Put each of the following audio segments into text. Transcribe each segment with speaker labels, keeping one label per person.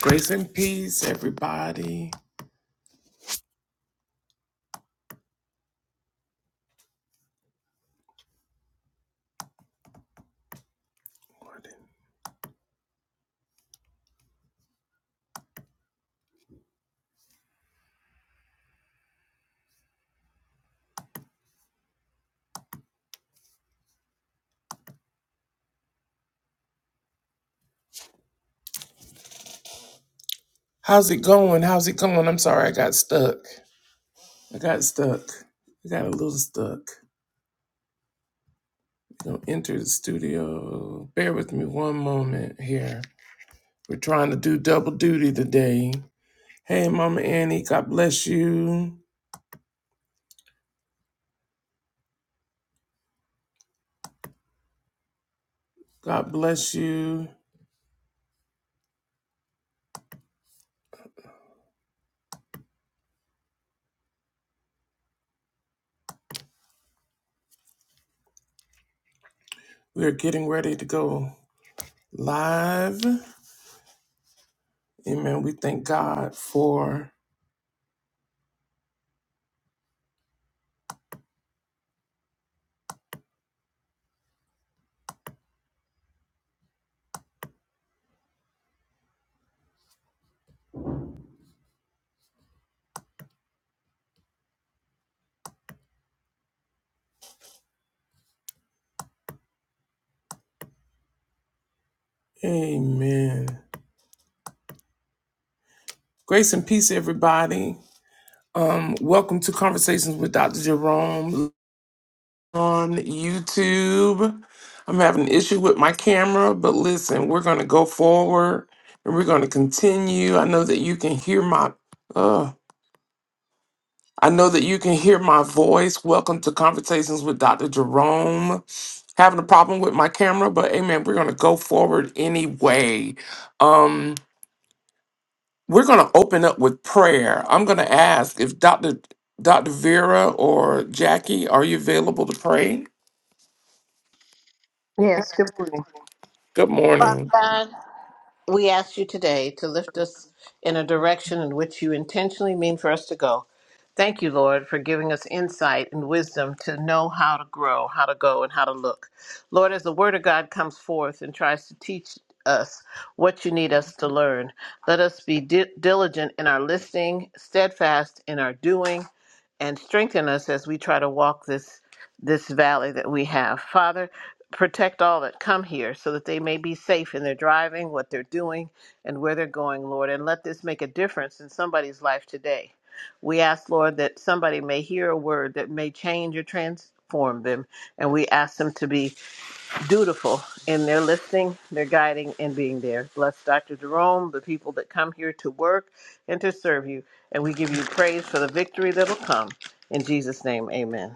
Speaker 1: Grace and peace, everybody. How's it going? How's it going? I'm sorry, I got stuck. I got stuck. I got a little stuck. I'm gonna enter the studio. Bear with me one moment here. We're trying to do double duty today. Hey, Mama Annie, God bless you. God bless you. We are getting ready to go live. Amen. We thank God for. Amen. Grace and peace, everybody. Um, welcome to Conversations with Dr. Jerome on YouTube. I'm having an issue with my camera, but listen, we're going to go forward and we're going to continue. I know that you can hear my uh I know that you can hear my voice. Welcome to Conversations with Dr. Jerome. Having a problem with my camera, but hey man, we're going to go forward anyway. Um We're going to open up with prayer. I'm going to ask if Dr. Dr. Vera or Jackie, are you available to pray?
Speaker 2: Yes, good morning.
Speaker 1: Good
Speaker 2: Father
Speaker 1: morning.
Speaker 2: God, we ask you today to lift us in a direction in which you intentionally mean for us to go. Thank you, Lord, for giving us insight and wisdom to know how to grow, how to go, and how to look. Lord, as the Word of God comes forth and tries to teach us what you need us to learn, let us be di- diligent in our listening, steadfast in our doing, and strengthen us as we try to walk this this valley that we have. Father, protect all that come here so that they may be safe in their driving, what they're doing, and where they're going, Lord, and let this make a difference in somebody's life today. We ask, Lord, that dutiful in their listening, their guiding, and being there. Bless Dr. Jerome, the people that come here to work and to serve you. And we give you praise for the victory that'll come. In Jesus' name, amen.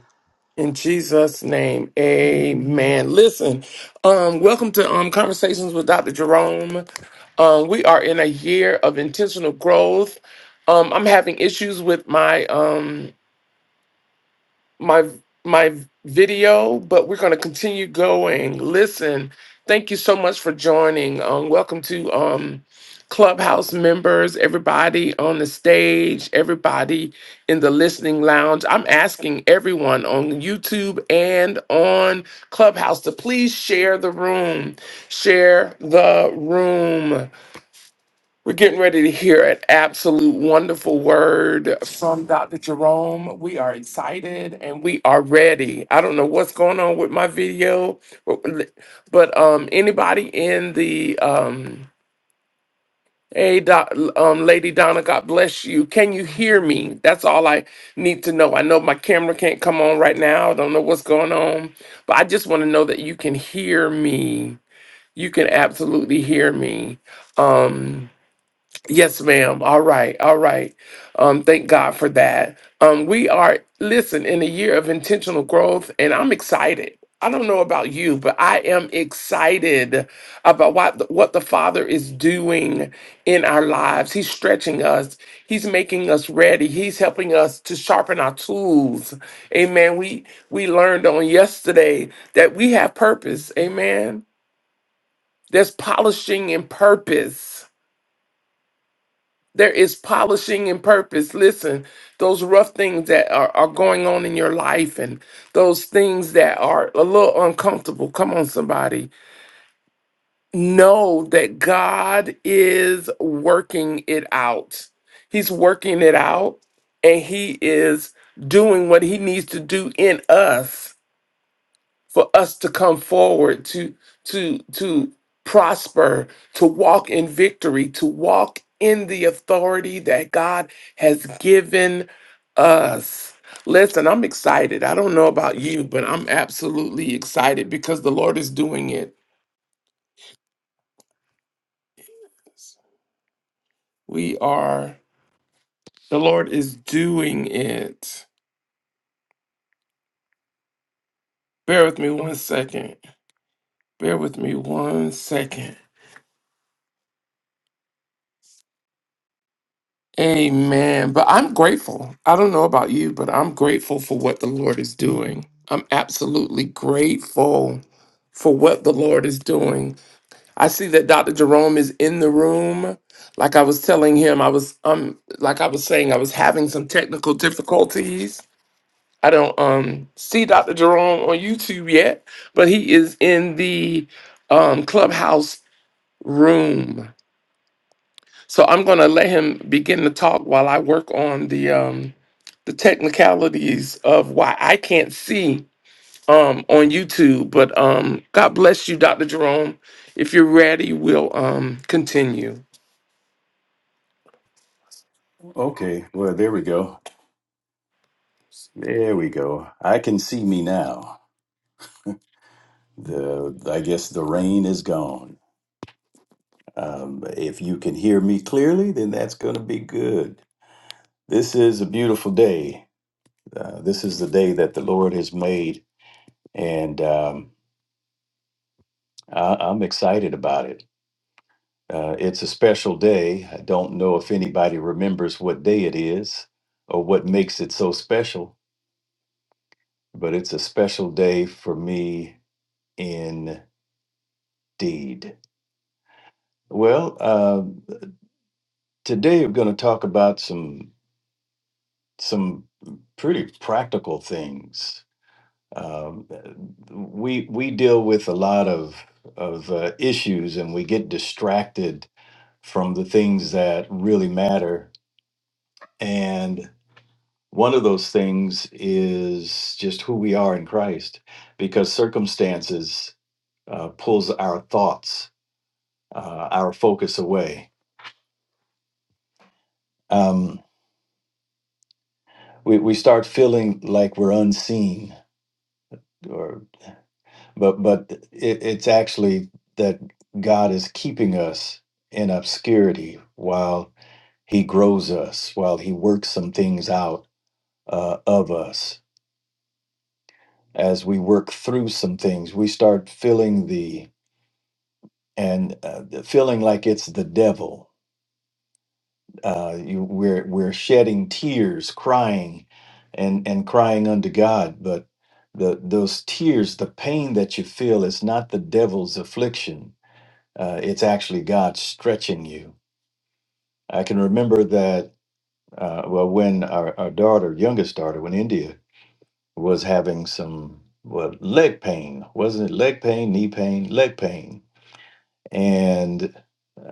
Speaker 1: In Jesus' name, amen. Listen, um, welcome to um, Conversations with Dr. Jerome. Um, we are in a year of intentional growth. Um, I'm having issues with my um, my my video, but we're going to continue going. Listen, thank you so much for joining. Um, welcome to um, Clubhouse members, everybody on the stage, everybody in the listening lounge. I'm asking everyone on YouTube and on Clubhouse to please share the room. Share the room. We're getting ready to hear an absolute wonderful word from Dr. Jerome. We are excited and we are ready. I don't know what's going on with my video, but um, anybody in the um, hey, doc, um, Lady Donna, God bless you. Can you hear me? That's all I need to know. I know my camera can't come on right now. I don't know what's going on, but I just want to know that you can hear me. You can absolutely hear me. Um, Yes, ma'am. All right. All right. Um, thank God for that. Um, we are, listen, in a year of intentional growth, and I'm excited. I don't know about you, but I am excited about what the, what the Father is doing in our lives. He's stretching us. He's making us ready. He's helping us to sharpen our tools. Amen. We we learned on yesterday that we have purpose. Amen. There's polishing in purpose. There is polishing and purpose. Listen, those rough things that are, are going on in your life and those things that are a little uncomfortable. Come on, somebody. Know that God is working it out. He's working it out and He is doing what He needs to do in us for us to come forward to to to prosper to walk in victory to walk in the authority that god has given us listen i'm excited i don't know about you but i'm absolutely excited because the lord is doing it we are the lord is doing it bear with me one second bear with me one second Amen. But I'm grateful. I don't know about you, but I'm grateful for what the Lord is doing. I'm absolutely grateful for what the Lord is doing. I see that Dr. Jerome is in the room. Like I was telling him, I was um like I was saying, I was having some technical difficulties. I don't um see Dr. Jerome on YouTube yet, but he is in the um clubhouse room. So I'm going to let him begin to talk while I work on the um, the technicalities of why I can't see um, on YouTube. But um, God bless you, Dr. Jerome. If you're ready, we'll um, continue.
Speaker 3: Okay, well, there we go. There we go. I can see me now. The I guess the rain is gone. Um, if you can hear me clearly, then that's going to be good. This is a beautiful day. Uh, this is the day that the Lord has made, and um, I, I'm excited about it. Uh, it's a special day. I don't know if anybody remembers what day it is or what makes it so special, but it's a special day for me indeed. Well, uh, today we're going to talk about some some pretty practical things. Um, we we deal with a lot of of uh, issues, and we get distracted from the things that really matter. And one of those things is just who we are in Christ, because circumstances uh, pulls our thoughts, uh, our focus away. Um, we, we start feeling like we're unseen or but but it, it's actually that God is keeping us in obscurity while He grows us, while He works some things out uh, of us. As we work through some things, we start feeling the and uh, the feeling like it's the devil. Uh, you, we're we're shedding tears, crying, and and crying unto God. But the those tears, the pain that you feel, is not the devil's affliction Uh, it's actually God stretching you. I can remember that, uh, well, when our, our daughter, youngest daughter, when India was having some, well, leg pain, wasn't it leg pain, knee pain, leg pain? And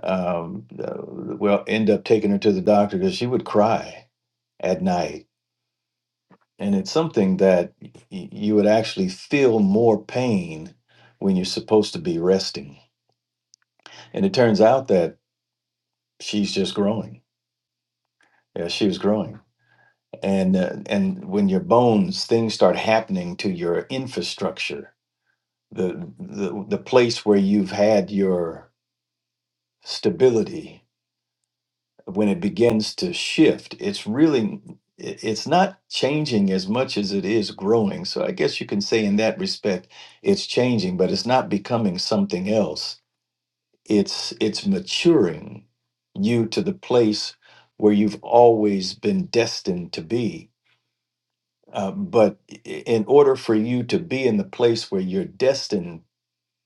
Speaker 3: um, uh, well, end up taking her to the doctor because she would cry at night. And it's something that y- you would actually feel more pain when you're supposed to be resting. And it turns out that she's just growing. Yeah, she was growing and uh, and when your bones things start happening to your infrastructure the, the the place where you've had your stability when it begins to shift it's really it- it's not changing as much as it is growing so i guess you can say in that respect it's changing but it's not becoming something else it's it's maturing you to the place where you've always been destined to be Uh, but i- in order for you to be in the place where you're destined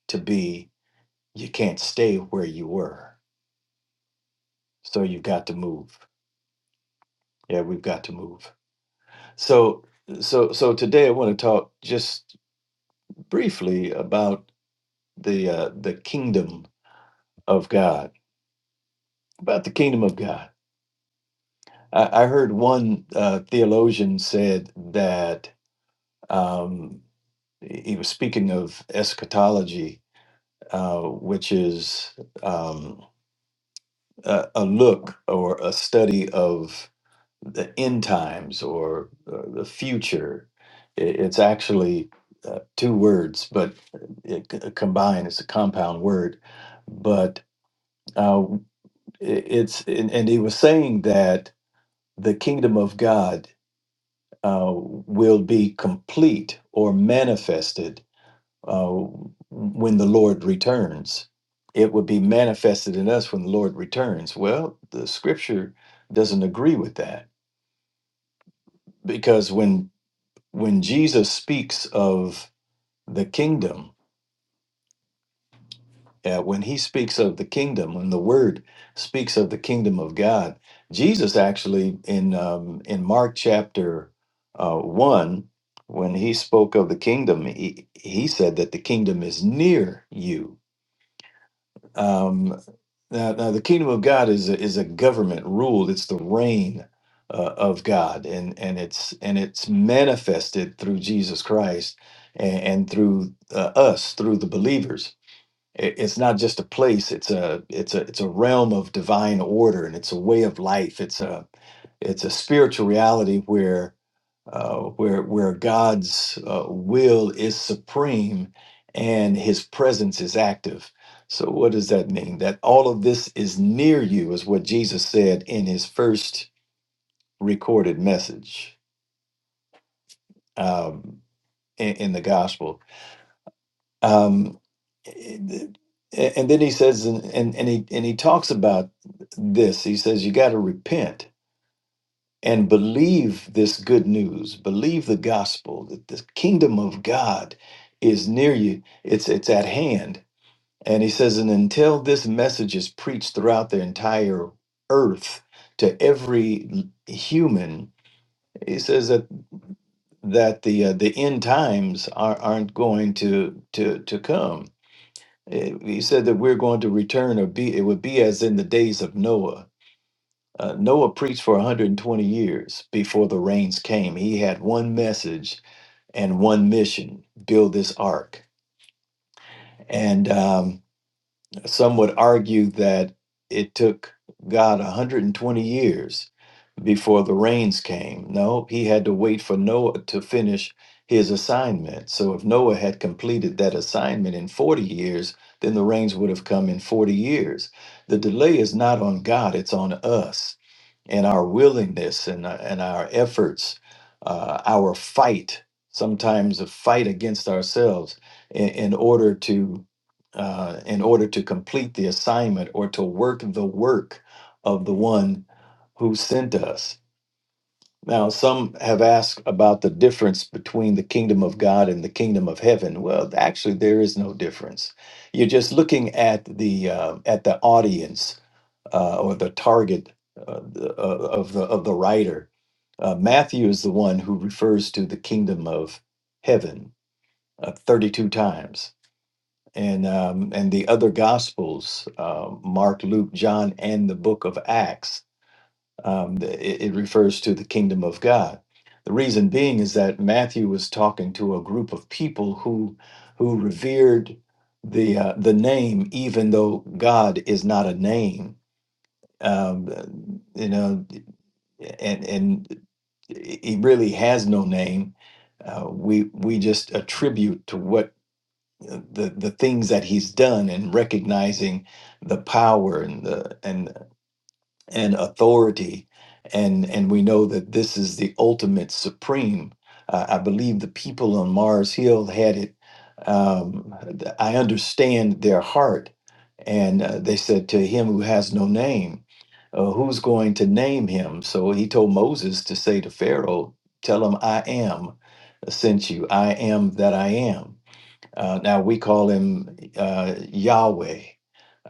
Speaker 3: to be, you can't stay where you were. So you've got to move. Yeah, we've got to move. So, so, so today I want to talk just briefly about the uh, the kingdom of God. About the kingdom of God. I, I heard one uh, theologian said that um, he he was speaking of eschatology, uh, which is um, a, a look or a study of the end times or uh, the future. I- It's actually uh, two words, but it c- combined. It's a compound word, but uh, i- it's and, and he was saying that the kingdom of God uh, will be complete or manifested uh, when the Lord returns. It would be manifested in us when the Lord returns. Well, the scripture doesn't agree with that because when when Jesus speaks of the kingdom, uh, when he speaks of the kingdom, when the word speaks of the kingdom of God, Jesus actually in um, in Mark chapter uh, one, when he spoke of the kingdom, he, he said that the kingdom is near you Um, now, now, the kingdom of God is a, is a government ruled. It's the reign uh, of God, and and it's and it's manifested through Jesus Christ and, and through uh, us, through the believers. It, it's not just a place. It's a it's a it's a realm of divine order, and it's a way of life. It's a it's a spiritual reality where uh, where where God's uh, will is supreme and His presence is active. So, what does that mean? That all of this is near you is what Jesus said in His first recorded message um, in, in the Gospel. Um, and and then He says, and and and he and he talks about this. He says, you got to repent and believe this good news believe the gospel that the kingdom of god is near you it's it's at hand and he says and until this message is preached throughout the entire earth to every l- human he says that that the uh, the end times are, aren't going to to to come Eh, he said that we're going to return or be it would be as in the days of noah uh, Noah preached for 120 years before the rains came. He had one message and one mission build this ark. And um, some would argue that it took God 120 years before the rains came. No, he had to wait for Noah to finish his assignment. So if Noah had completed that assignment in 40 years, then the rains would have come in 40 years. The delay is not on God, it's on us and our willingness and our, and our efforts, uh, our fight, sometimes a fight against ourselves in, in order to uh, in order to complete the assignment or to work the work of the one who sent us. Now, some have asked about the difference between the kingdom of God and the kingdom of heaven. Well, actually, there is no difference. You're just looking at the uh, at the audience uh, or the target uh, the- uh, of the of the writer. Uh, Matthew is the one who refers to the kingdom of heaven uh, 32 times, and um, and the other gospels, uh, Mark, Luke, John, and the book of Acts, um, th- it, it refers to the kingdom of God. The reason being is that Matthew was talking to a group of people who who revered the uh, the name, even though God is not a name um, you know, and and he really has no name. Uh, we we just attribute to what uh, the the things that he's done and recognizing the power and the and and authority and and we know that this is the ultimate supreme. Uh, I believe the people on Mars Hill had it. Um, I understand their heart and uh, they said to him who has no name, uh, who's going to name him? So he told Moses to say to Pharaoh, Tell him, I am uh, sent you. I am that I am. Uh, now we call him uh, Yahweh.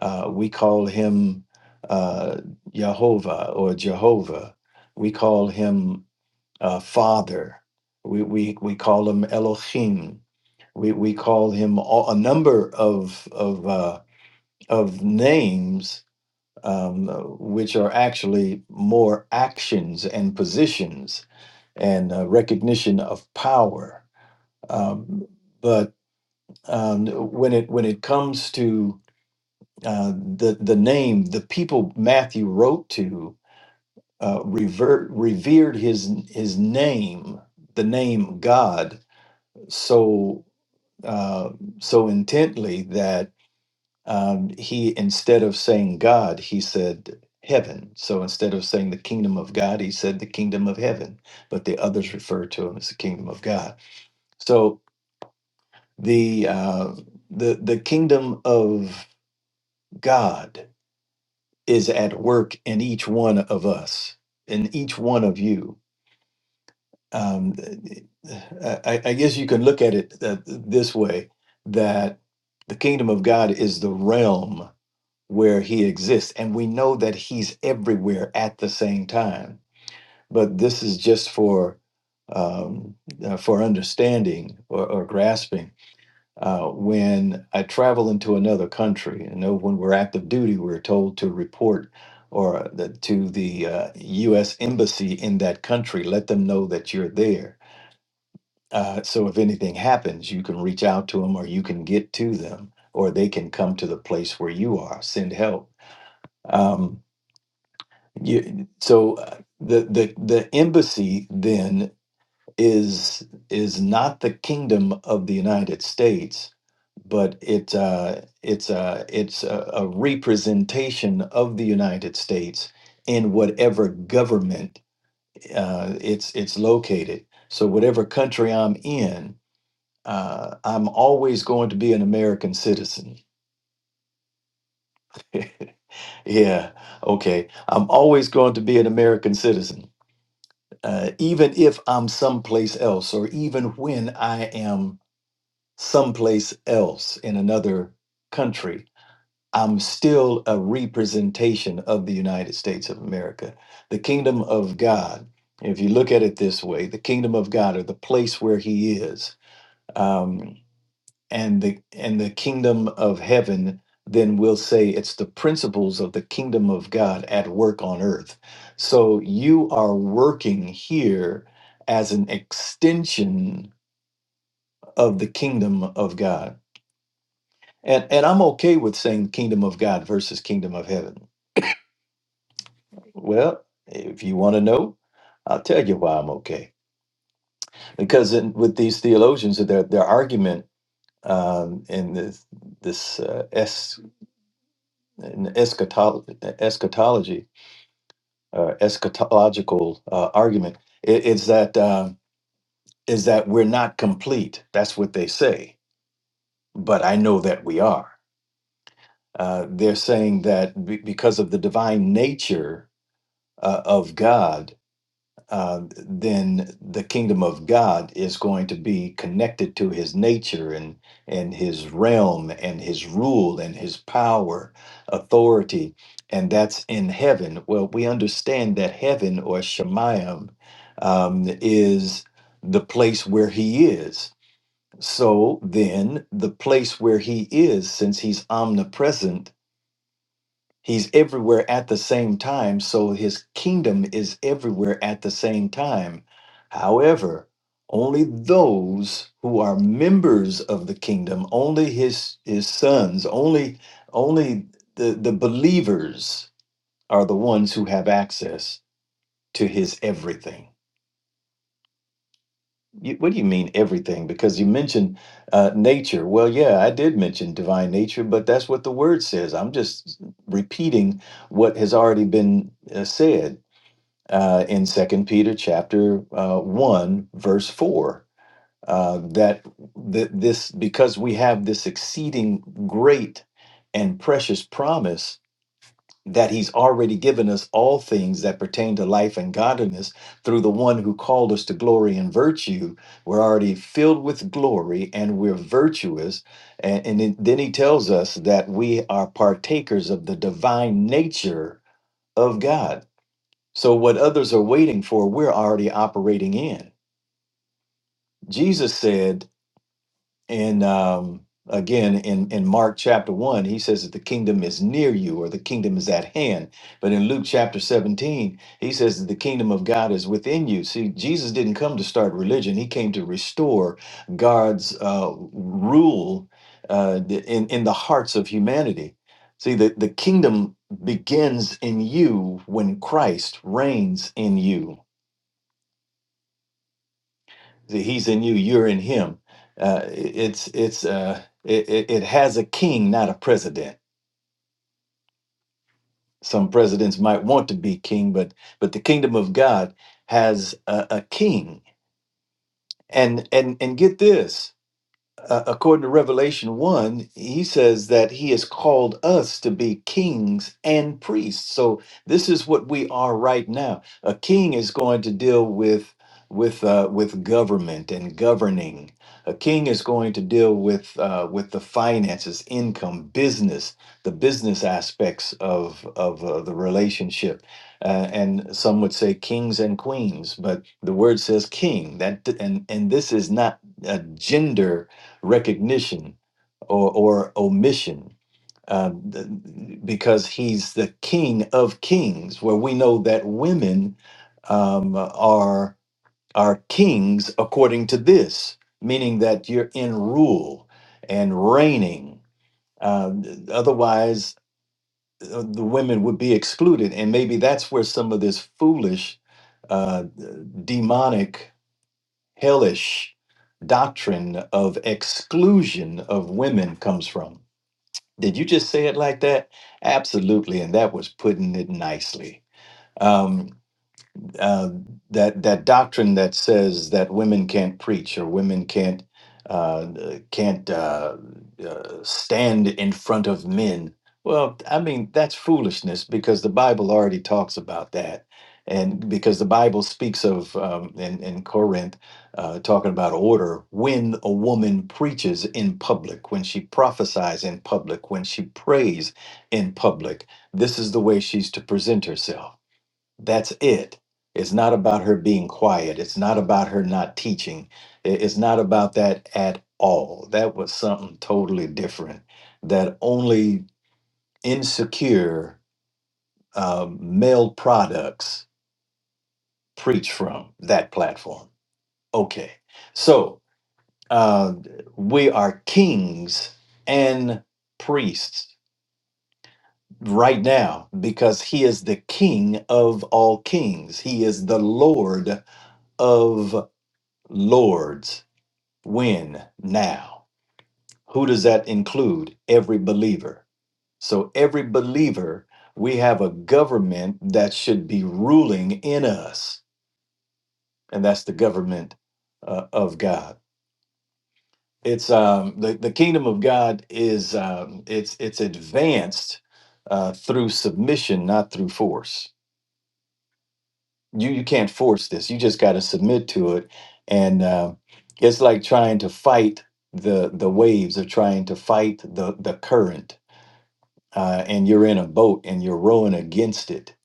Speaker 3: Uh, we call him uh, Yehovah or Jehovah. We call him uh, Father. We, we, we call him Elohim. We, we call him all, a number of, of, uh, of names um, which are actually more actions and positions and uh, recognition of power. Um, but um, when it when it comes to uh, the the name, the people Matthew wrote to uh, revert, revered his his name, the name God, so uh, so intently that. um, he instead of saying God, he said heaven. So instead of saying the kingdom of God, he said the kingdom of heaven. But the others referred to him as the kingdom of God. So the uh, the the kingdom of God is at work in each one of us, in each one of you. Um, I, I I guess you can look at it uh, this way: that the kingdom of God is the realm where he exists. And we know that he's everywhere at the same time. But this is just for um, uh, for understanding or, or grasping. Uh, when I travel into another country, you know, when we're active duty, we're told to report or the, to the uh, U.S. embassy in that country. Let them know that you're there. Uh, so if anything happens, you can reach out to them, or you can get to them, or they can come to the place where you are. Send help. Um, You, so uh, the the the embassy then is is not the kingdom of the United States, but it uh, it's uh, it's a, a representation of the United States in whatever government uh, it's it's located. So whatever country I'm in, uh, I'm always going to be an American citizen. yeah, okay. I'm always going to be an American citizen uh, even if I'm someplace else, or even when I am someplace else in another country, I'm still a representation of the United States of America. The kingdom of God, if you look at it this way, the kingdom of God, or the place where He is. um, and the and the kingdom of heaven then we'll say it's the principles of the kingdom of god at work on earth so you are working here as an extension of the kingdom of god and and i'm okay with saying kingdom of god versus kingdom of heaven well if you want to know i'll tell you why i'm okay because in, with these theologians their their argument um, in this this uh, an eschatology, eschatology uh, eschatological uh, argument i- is that uh, is that we're not complete. That's what they say. But I know that we are. Uh, they're saying that be- because of the divine nature uh, of God, uh, then the kingdom of God is going to be connected to his nature and, and his realm and his rule and his power, authority, and that's in heaven. Well, we understand that heaven or Shemayim um, is the place where he is. So then, the place where he is, since he's omnipresent, He's everywhere at the same time, so his kingdom is everywhere at the same time. However, only those who are members of the kingdom, only his his sons, only only the, the believers are the ones who have access to his everything. You, what do you mean everything? Because you mentioned uh, nature. Well, yeah, I did mention divine nature, but that's what the word says. I'm just repeating what has already been uh, said uh, in Second Peter chapter uh, one, verse four. Uh, that th- this because we have this exceeding great and precious promise that he's already given us all things that pertain to life and godliness through the one who called us to glory and virtue. We're already filled with glory and we're virtuous. And, and then then he tells us that we are partakers of the divine nature of God. So, what others are waiting for, we're already operating in. Jesus said, in um, again in in Mark chapter one, he says that the kingdom is near you or the kingdom is at hand. But in Luke chapter seventeen, he says that the kingdom of God is within you. See, Jesus didn't come to start religion; he came to restore God's uh, rule uh, in in the hearts of humanity. See, the, the kingdom begins in you when Christ reigns in you that he's in you you're in him uh, it's it's uh, it, it it has a king not a president some presidents might want to be king but but the kingdom of god has a, a king and and and get this uh, according to Revelation 1, he says that he has called us to be kings and priests. So this is what we are right now. A king is going to deal with with uh, with government and governing. A king is going to deal with uh, with the finances, income, business, the business aspects of of uh, the relationship, uh, and some would say kings and queens, but the word says king. That and and this is not a gender recognition or, or omission um, th- because he's the king of kings where we know that women um, are are kings according to this meaning that you're in rule and reigning uh, otherwise uh, the women would be excluded and maybe that's where some of this foolish uh, demonic hellish doctrine of exclusion of women comes from did you just say it like that? Absolutely. And that was putting it nicely. Um, uh, that that doctrine that says that women can't preach or women can't uh, can't uh, uh, stand in front of men. Well, I mean that's foolishness because the Bible already talks about that, and because the Bible speaks of um, in, in Corinth uh, talking about order when a woman preaches in public, when she prophesies in public, when she prays in public. This is the way she's to present herself that's it. It's not about her being quiet. It's not about her not teaching. I- It's not about that at all. That was something totally different that only insecure um, male products preach from that platform. Okay. So uh, we are kings and priests right now because he is the king of all kings, he is the Lord of lords when now who does that include every believer so every believer we have a government that should be ruling in us and that's the government uh, of god it's um the, the kingdom of god is um it's it's advanced uh through submission not through force you you can't force this. You just got to submit to it, and uh, it's like trying to fight the the waves or trying to fight the the current, uh, and you're in a boat and you're rowing against it.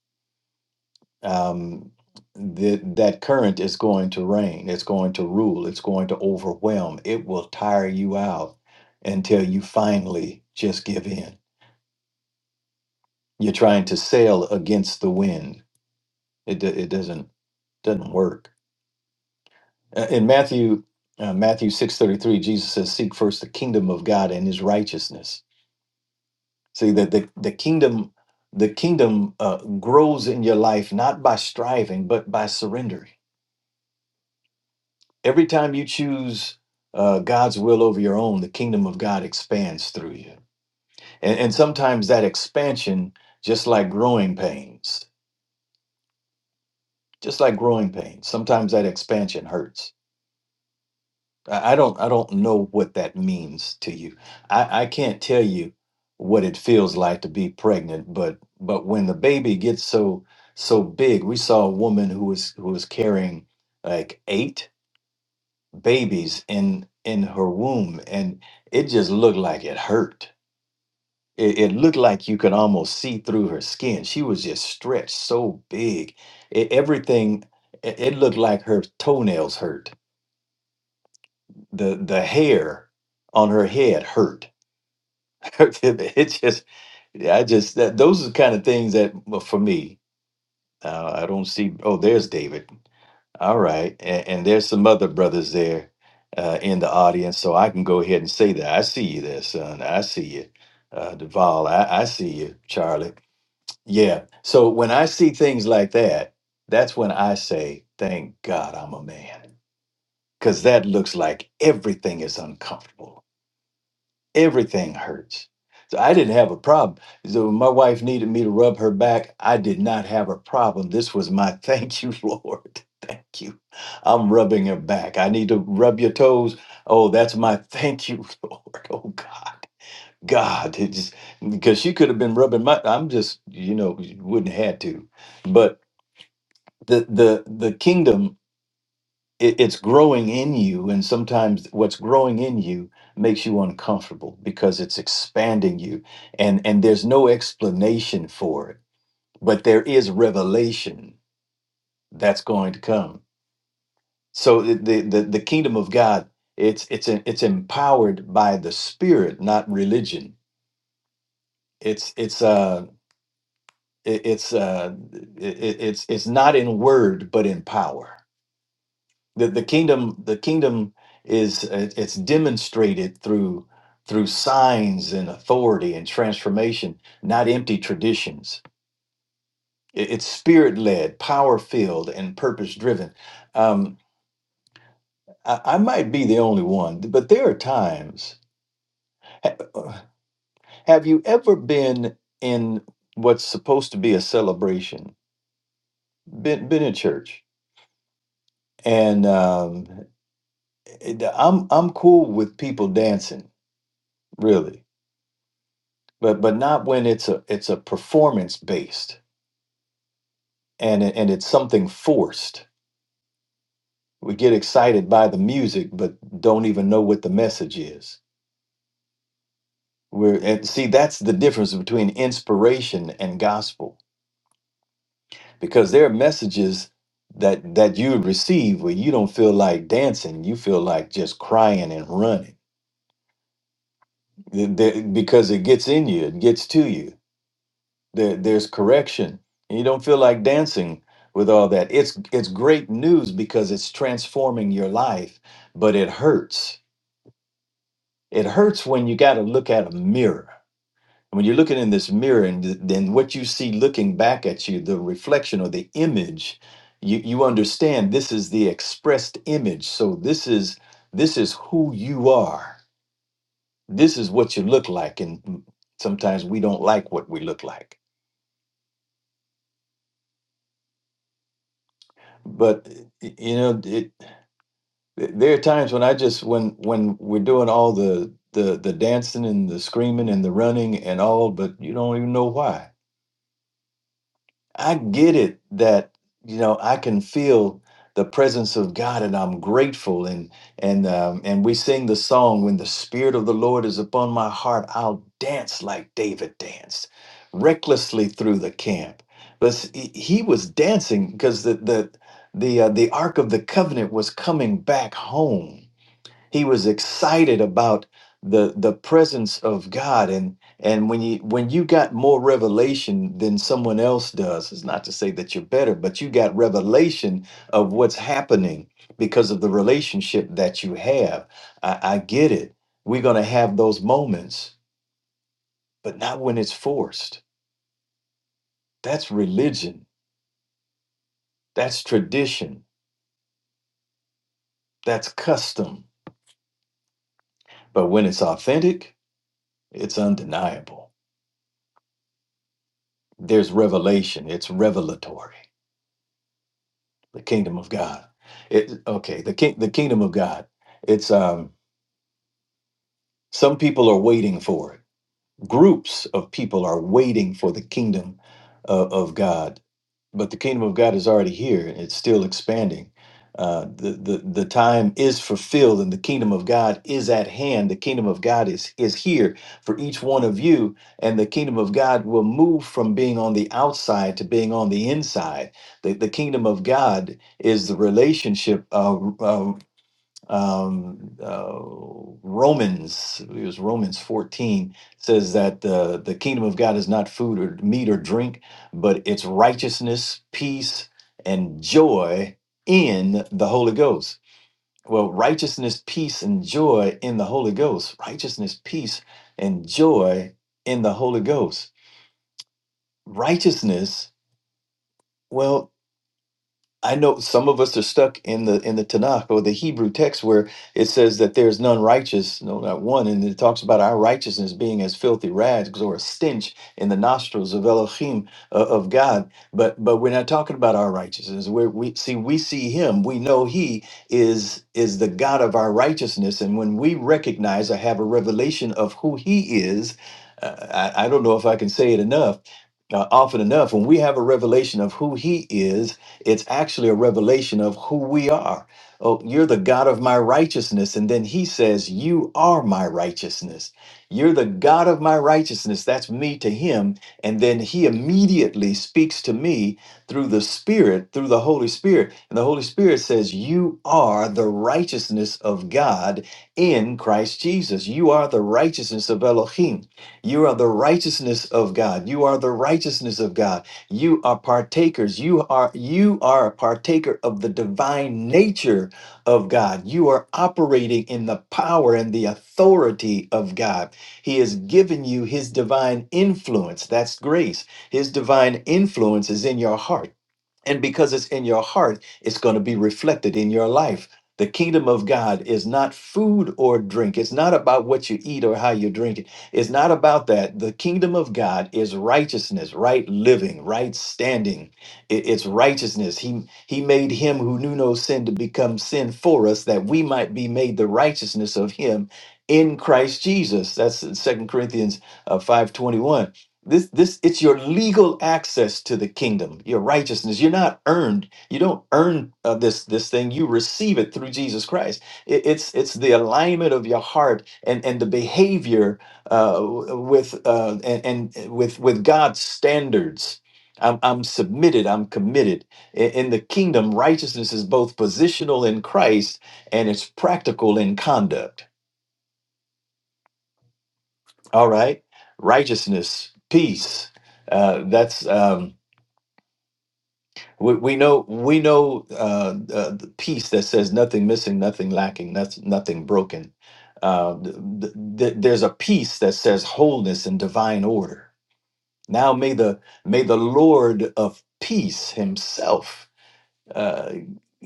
Speaker 3: Um, that that current is going to reign. It's going to rule. It's going to overwhelm. It will tire you out until you finally just give in. You're trying to sail against the wind. It do- it doesn't doesn't work. Uh, In Matthew uh, Matthew 6:33, Jesus says, "Seek first the kingdom of God and his righteousness." See that the, the kingdom the kingdom uh, grows in your life not by striving but by surrendering. Every time you choose uh, God's will over your own, the kingdom of God expands through you. And, and sometimes that expansion, just like growing pains, just like growing pains, sometimes that expansion hurts I I don't I don't know what that means to you. I, I can't tell you what it feels like to be pregnant, but but when the baby gets so so big, we saw a woman who was who was carrying like eight babies in in her womb, and it just looked like it hurt. It, it looked like you could almost see through her skin. She was just stretched so big. It, everything it, it looked like her toenails hurt the the hair on her head hurt. it just, I just that those are kind of things that well, for me, uh, I don't see. Oh, there's David. All right, and, and there's some other brothers there uh, in the audience, so I can go ahead and say that I see you there, son. I see you, uh, Duval. I, I see you, Charlie. Yeah. So when I see things like that, that's when I say, "Thank God I'm a man," because that looks like everything is uncomfortable everything hurts. So I didn't have a problem. So when my wife needed me to rub her back. I did not have a problem. This was my thank you, Lord. Thank you. I'm rubbing her back. I need to rub your toes. Oh, that's my thank you, Lord. Oh God. God, it just because she could have been rubbing my I'm just, you know, wouldn't have had to. But the the the kingdom it, it's growing in you and sometimes what's growing in you makes you uncomfortable because it's expanding you and and there's no explanation for it but there is revelation that's going to come so the the, the the kingdom of god it's it's it's empowered by the spirit not religion it's it's uh it- it's uh it, it- it's it's not in word but in power the, the kingdom the kingdom is uh, it's demonstrated through through signs and authority and transformation not empty traditions It- it's spirit led power filled and purpose driven um, I, I might be the only one but there are times ha- uh, have you ever been in what's supposed to be a celebration been, been in church and um, it- I'm I'm cool with people dancing really but but not when it's a it's a performance based and it- and it's something forced we get excited by the music but don't even know what the message is we're and see that's the difference between inspiration and gospel because there are messages that that you receive where you don't feel like dancing you feel like just crying and running Th- th- because it gets in you it gets to you There, there's correction, and you don't feel like dancing with all that. It's it's great news because it's transforming your life, but it hurts. It hurts when you got to look at a mirror. When you're looking in this mirror, and th- then what you see looking back at you, the reflection or the image, you you understand this is the expressed image. So this is this is who you are. This is what you look like, and sometimes we don't like what we look like but y- you know it, Th- There are times when I just when when we're doing all the the the dancing and the screaming and the running and all, but you don't even know why. I get it that you know I can feel the presence of God and I'm grateful and and um, and we sing the song when the spirit of the Lord is upon my heart, I'll dance like David danced, recklessly through the camp. But s- he he was dancing because the the the uh, the Ark of the Covenant was coming back home he was excited about the the presence of God and and when you when you got more revelation than someone else does it's not to say that you're better but you got revelation of what's happening because of the relationship that you have I, I get it we're going to have those moments but not when it's forced that's religion that's tradition that's custom but when it's authentic it's undeniable there's revelation it's revelatory the kingdom of God. It okay, the king the kingdom of God. It's um some people are waiting for it. Groups of people are waiting for the kingdom of, of God, but the kingdom of God is already here. It's still expanding. Uh, the, the the time is fulfilled and the kingdom of God is at hand. The kingdom of God is is here for each one of you, and the kingdom of God will move from being on the outside to being on the inside. The, the kingdom of God is the relationship. uh, uh, um, uh, Romans, it was Romans 14, says that uh, the kingdom of God is not food or meat or drink, but it's righteousness, peace, and joy in the Holy Ghost. Well, righteousness, peace, and joy in the Holy Ghost. Righteousness, peace, and joy in the Holy Ghost. Righteousness, well, I know some of us are stuck in the in the Tanakh or the Hebrew text where it says that there's none righteous, no, not one, and it talks about our righteousness being as filthy rags or a stench in the nostrils of Elohim uh, of God. But but we're not talking about our righteousness. We're, we see we see Him. We know He is is the God of our righteousness, and when we recognize or have a revelation of who He is, uh, I, I don't know if I can say it enough uh, often enough when we have a revelation of who he is it's actually a revelation of who we are. Oh, you're the God of my righteousness. And then he says, You are my righteousness. You're the God of my righteousness. That's me to him. And then he immediately speaks to me through the Spirit, through the Holy Spirit. And the Holy Spirit says, You are the righteousness of God in Christ Jesus. You are the righteousness of Elohim. You are the righteousness of God. You are the righteousness of God. You are partakers. You are you are a partaker of the divine nature of God. You are operating in the power and the authority of God. He has given you his divine influence. That's grace. His divine influence is in your heart. And because it's in your heart, it's going to be reflected in your life. The kingdom of God is not food or drink. It's not about what you eat or how you drink it. It's not about that. The kingdom of God is righteousness, right living, right standing. I- It's righteousness. He, he made him who knew no sin to become sin for us that we might be made the righteousness of him in Christ Jesus. That's Second Corinthians uh, 5.21 this this it's your legal access to the kingdom your righteousness you're not earned you don't earn uh, this this thing you receive it through jesus christ It- it's it's the alignment of your heart and and the behavior uh, w- with uh, and, and with with god's standards I'm, I'm submitted i'm committed I- in the kingdom righteousness is both positional in christ and it's practical in conduct all right righteousness peace uh, that's um, We, we know we know uh, uh, the peace that says nothing missing, nothing lacking, nothing nothing broken. Uh, th- th- th- there's a peace that says wholeness and divine order. Now may the may the Lord of peace Himself uh,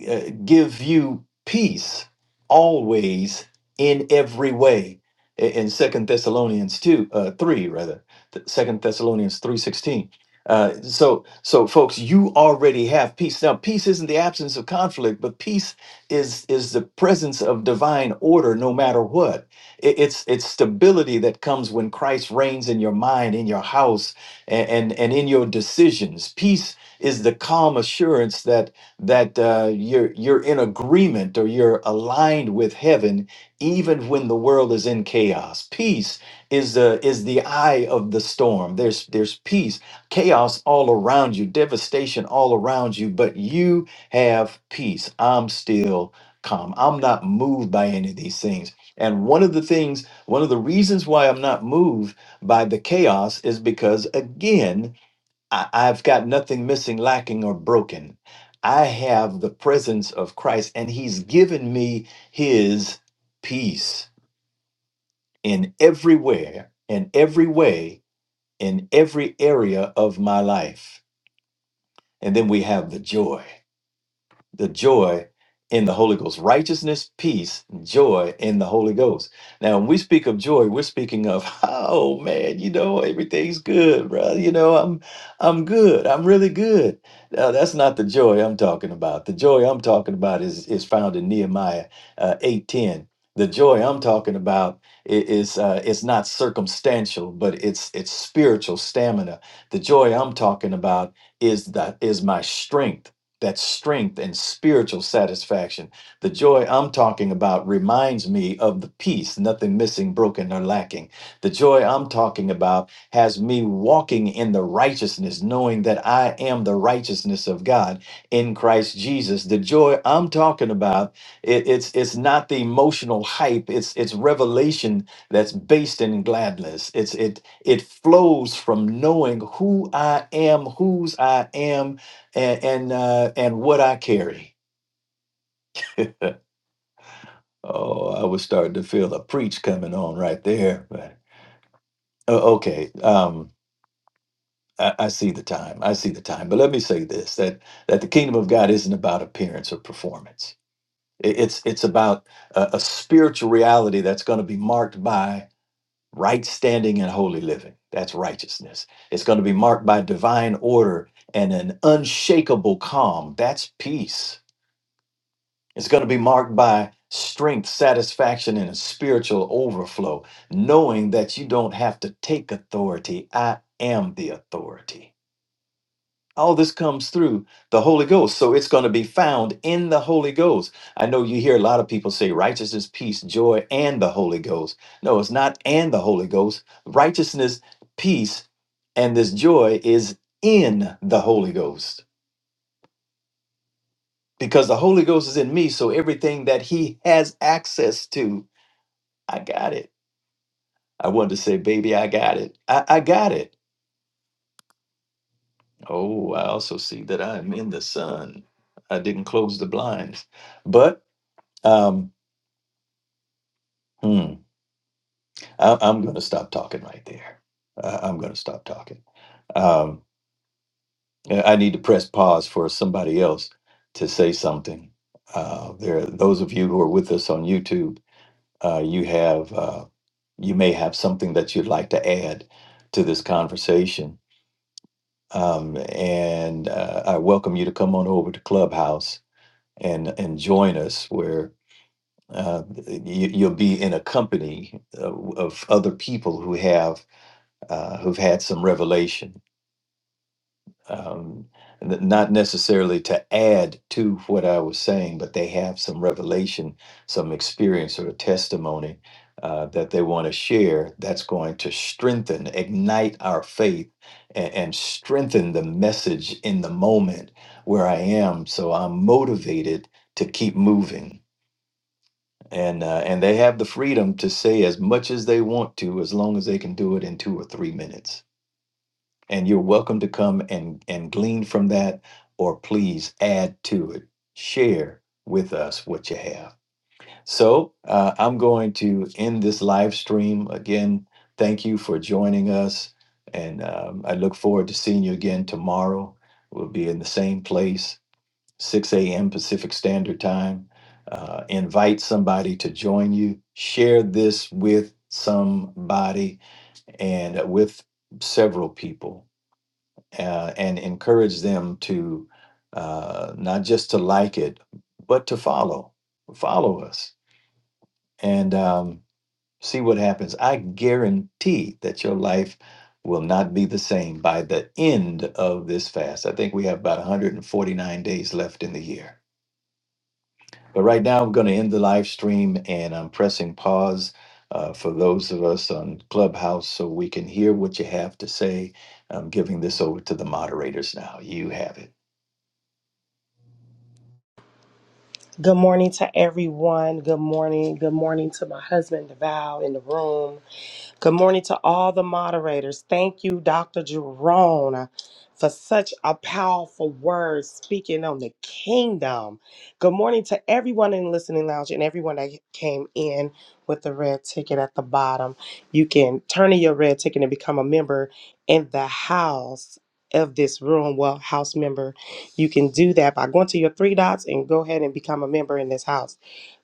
Speaker 3: uh, give you peace always in every way I- in second thessalonians 2 uh, 3 rather th- second thessalonians 3.16 uh, so so folks you already have peace now peace isn't the absence of conflict but peace is is the presence of divine order no matter what I- it's it's stability that comes when christ reigns in your mind in your house and and, and in your decisions peace is the calm assurance that that uh, you're you're in agreement or you're aligned with heaven even when the world is in chaos peace is the is the eye of the storm there's there's peace chaos all around you devastation all around you but you have peace i'm still calm i'm not moved by any of these things and one of the things one of the reasons why i'm not moved by the chaos is because again I, I've got nothing missing, lacking, or broken. I have the presence of Christ, and He's given me His peace in everywhere, in every way, in every area of my life. And then we have the joy. the joy in the Holy Ghost, righteousness, peace, joy in the Holy Ghost. Now, when we speak of joy, we're speaking of, oh man, you know, everything's good, brother. You know, I'm, I'm good. I'm really good. Now, that's not the joy I'm talking about. The joy I'm talking about is is found in Nehemiah uh, eight ten. The joy I'm talking about i- is uh, it's not circumstantial, but it's it's spiritual stamina. The joy I'm talking about is that is my strength that strength and spiritual satisfaction. The joy I'm talking about reminds me of the peace, nothing missing, broken, or lacking. The joy I'm talking about has me walking in the righteousness, knowing that I am the righteousness of God in Christ Jesus. The joy I'm talking about, it- it's it's not the emotional hype, it's it's revelation that's based in gladness. It's it it flows from knowing who I am, whose I am, and and uh, and what I carry. Oh, I was starting to feel a preach coming on right there. But o- okay, um, I, I see the time. I see the time. But let me say this: that that the kingdom of God isn't about appearance or performance. It- it's it's about a, a spiritual reality that's going to be marked by right standing and holy living. That's righteousness. It's going to be marked by divine order and an unshakable calm. That's peace It's going to be marked by strength, satisfaction, and a spiritual overflow, knowing that you don't have to take authority. I am the authority. All this comes through the Holy Ghost. So it's going to be found in the Holy Ghost. I know you hear a lot of people say righteousness, peace, joy, and the Holy Ghost. No, it's not and the Holy Ghost. Righteousness, peace, and this joy is in the Holy Ghost because the Holy Ghost is in me. So everything that He has access to I got it. I wanted to say, baby, I got it. I, I got it. Oh, I also see that I am in the sun. I didn't close the blinds. But um, hmm, I, I'm going to stop talking right there. I, I'm going to stop talking. Um, I I need to press pause for somebody else to say something. Uh, there, those of you who are with us on YouTube, uh, you have, uh, you may have something that you'd like to add to this conversation um, and uh, I welcome you to come on over to Clubhouse and and join us where uh, you, you'll be in a company uh, of other people who have uh, who've had some revelation um, n- not necessarily to add to what I was saying, but they have some revelation, some experience or testimony uh, that they want to share that's going to strengthen, ignite our faith, and, and strengthen the message in the moment where I am. So I'm motivated to keep moving. And, uh, and they have the freedom to say as much as they want to, as long as they can do it in two or three minutes and you're welcome to come and and glean from that or please add to it share with us what you have so uh, i'm going to end this live stream again thank you for joining us and um, i look forward to seeing you again tomorrow we'll be in the same place 6 a.m pacific standard time uh, invite somebody to join you share this with somebody and uh, with several people uh, and encourage them to uh, not just to like it, but to follow, follow us, and um, see what happens. I guarantee that your life will not be the same by the end of this fast. I think we have about 149 days left in the year but right now, I'm going to end the live stream and I'm pressing pause uh, for those of us on Clubhouse so we can hear what you have to say. I'm giving this over to the moderators now. You have it.
Speaker 4: Good morning to everyone. Good morning. Good morning to my husband, Deval, in the room. Good morning to all the moderators. Thank you, Dr. Jerome, for such a powerful word speaking on the kingdom. Good morning to everyone in listening lounge and everyone that came in with the red ticket at the bottom. You can turn in your red ticket and become a member in the house of this room. Well, house member, you can do that by going to your three dots and go ahead and become a member in this house.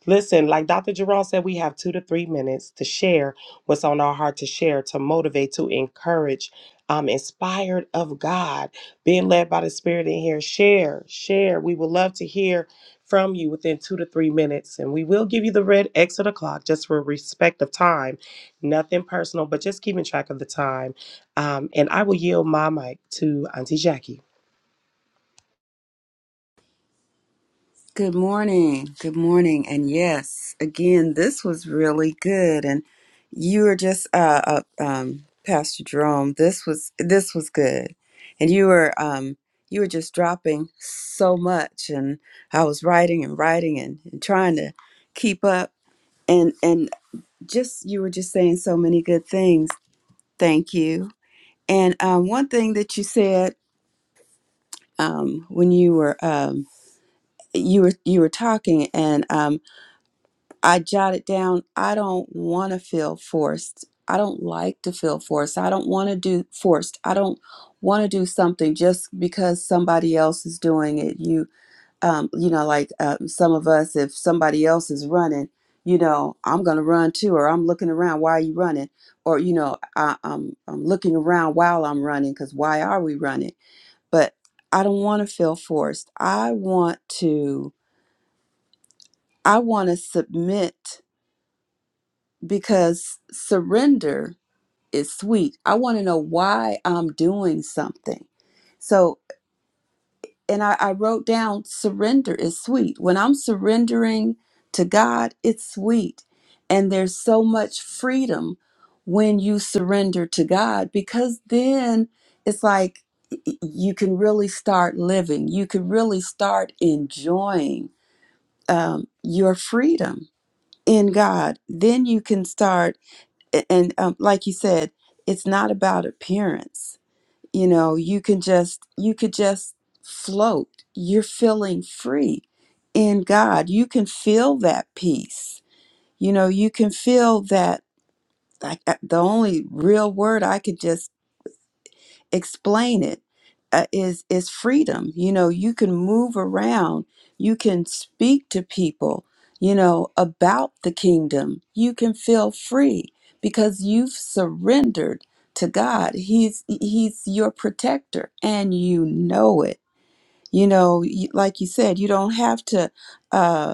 Speaker 4: Listen, like Dr. Jerome said, we have two to three minutes to share what's on our heart to share, to motivate, to encourage. I'm inspired of God, being led by the Spirit in here. Share, share. We would love to hear from you within two to three minutes. And we will give you the red X of the clock just for respect of time. Nothing personal, but just keeping track of the time. Um, and I will yield my mic to Auntie Jackie.
Speaker 5: Good morning. Good morning. And yes, again, this was really good. And you were just, uh, uh um, Pastor Jerome, this was this was good. And you were, um, you were just dropping so much. And I was writing and writing and, and trying to keep up. And and just you were just saying so many good things. Thank you. And um, one thing that you said um, when you were um, you were you were talking and um, I jotted down, I don't want to feel forced. I don't like to feel forced. I don't want to do forced. I don't want to do something just because somebody else is doing it. You, um, you know, like um, some of us, if somebody else is running, you know, I'm gonna run too, or I'm looking around. Why are you running? Or you know, I, I'm I'm looking around while I'm running because why are we running? But I don't want to feel forced. I want to. I want to submit because surrender is sweet. I want to know why I'm doing something. So, and I, I wrote down surrender is sweet. When I'm surrendering to God, it's sweet. And there's so much freedom when you surrender to God because then it's like y- y- you can really start living, you can really start enjoying um, your freedom in God. Then you can start a- and um, like you said it's not about appearance you know you can just you could just float you're feeling free in god you can feel that peace you know you can feel that like uh, the only real word i could just explain it uh, is is freedom you know you can move around you can speak to people you know about the kingdom you can feel free because you've surrendered to God he's he's your protector and you know it you know you- like you said you don't have to uh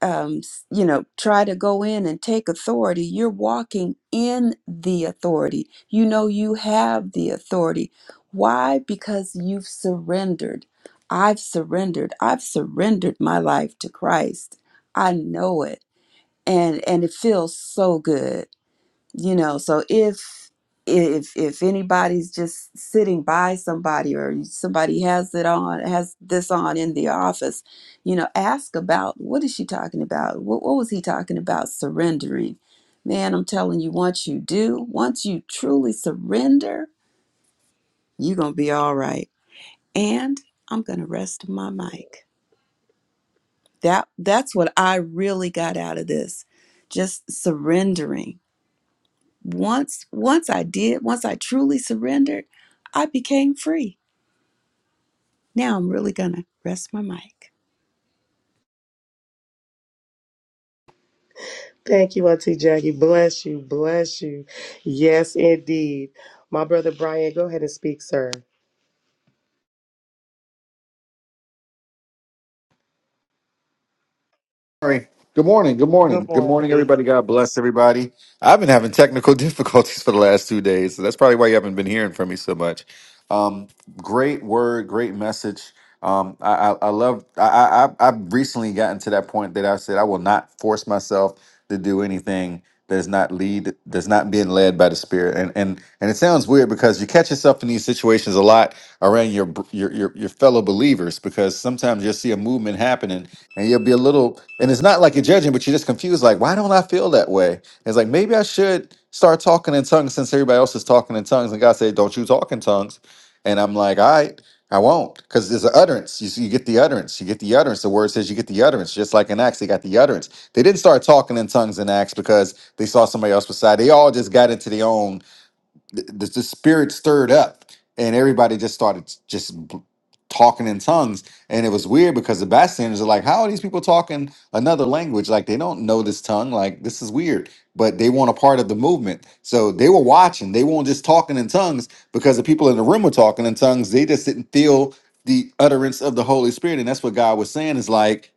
Speaker 5: um, s- you know, try to go in and take authority, you're walking in the authority. You know, you have the authority. Why? Because you've surrendered. I've surrendered. I've surrendered my life to Christ. I know it. And, and it feels so good you know so if if if anybody's just sitting by somebody or somebody has it on has this on in the office you know ask about what is she talking about what, what was he talking about surrendering man i'm telling you once you do once you truly surrender you're gonna be all right and i'm gonna rest my mic that that's what i really got out of this just surrendering once once I did, once I truly surrendered, I became free. Now I'm really gonna rest my mic.
Speaker 4: Thank you, Auntie Jackie. Bless you. Bless you. Yes, indeed. My brother Brian, go ahead and speak, sir.
Speaker 6: Sorry. Good morning. Good
Speaker 4: Good
Speaker 6: morning. Good morning,
Speaker 4: morning.
Speaker 6: everybody. God bless everybody. I've been having technical difficulties for the last two days, so that's probably why you haven't been hearing from me so much. Um, great word, great message. Um, I, I, I love. I, I I- I've recently gotten to that point that I said I will not force myself to do anything that is not lead that's not being led by the spirit. And and and it sounds weird because you catch yourself in these situations a lot around your br- your your, your fellow believers because sometimes you'll see a movement happening and you'll be a little and it's not like you're judging, but you're just confused. Like, why don't I feel that way? It's like maybe I should start talking in tongues since everybody else is talking in tongues, and God said, "Don't you talk in tongues." And I'm like, all right. I won't, because there's an utterance. You, see- you get the utterance. You get the utterance. The word says you get the utterance. Just like in Acts, they got the utterance. They didn't start talking in tongues in Acts because they saw somebody else beside. They all just got into their own the, the, the spirit stirred up and everybody just started just b- talking in tongues and it was weird because the bystanders are like how are these people talking another language like they don't know this tongue like this is weird but they want a part of the movement so they were watching they weren't just talking in tongues because the people in the room were talking in tongues they just didn't feel the utterance of the holy spirit and that's what god was saying is like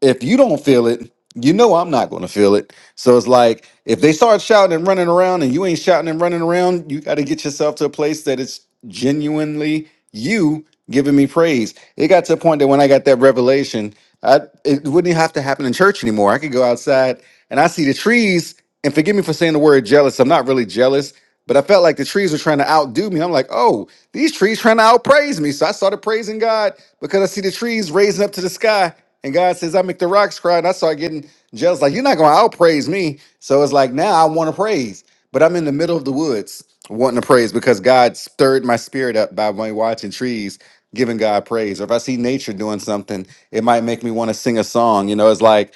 Speaker 6: if you don't feel it, you know I'm not going to feel it. So it's like if they start shouting and running around and you ain't shouting and running around, you got to get yourself to a place that it's genuinely you giving me praise. It got to a point that when I got that revelation, I, it wouldn't have to happen in church anymore. I could go outside and I see the trees. And forgive me for saying the word jealous. I'm not really jealous, but I felt like the trees were trying to outdo me. I'm like, oh, these trees trying to outpraise me. So I started praising God because I see the trees raising up to the sky. And God says, I make the rocks cry. And I start getting jealous. Like, you're not going to outpraise me. So it's like, now I want to praise. But I'm in the middle of the woods wanting to praise because God stirred my spirit up by me watching trees giving God praise. Or if I see nature doing something, it might make me want to sing a song. You know, it's like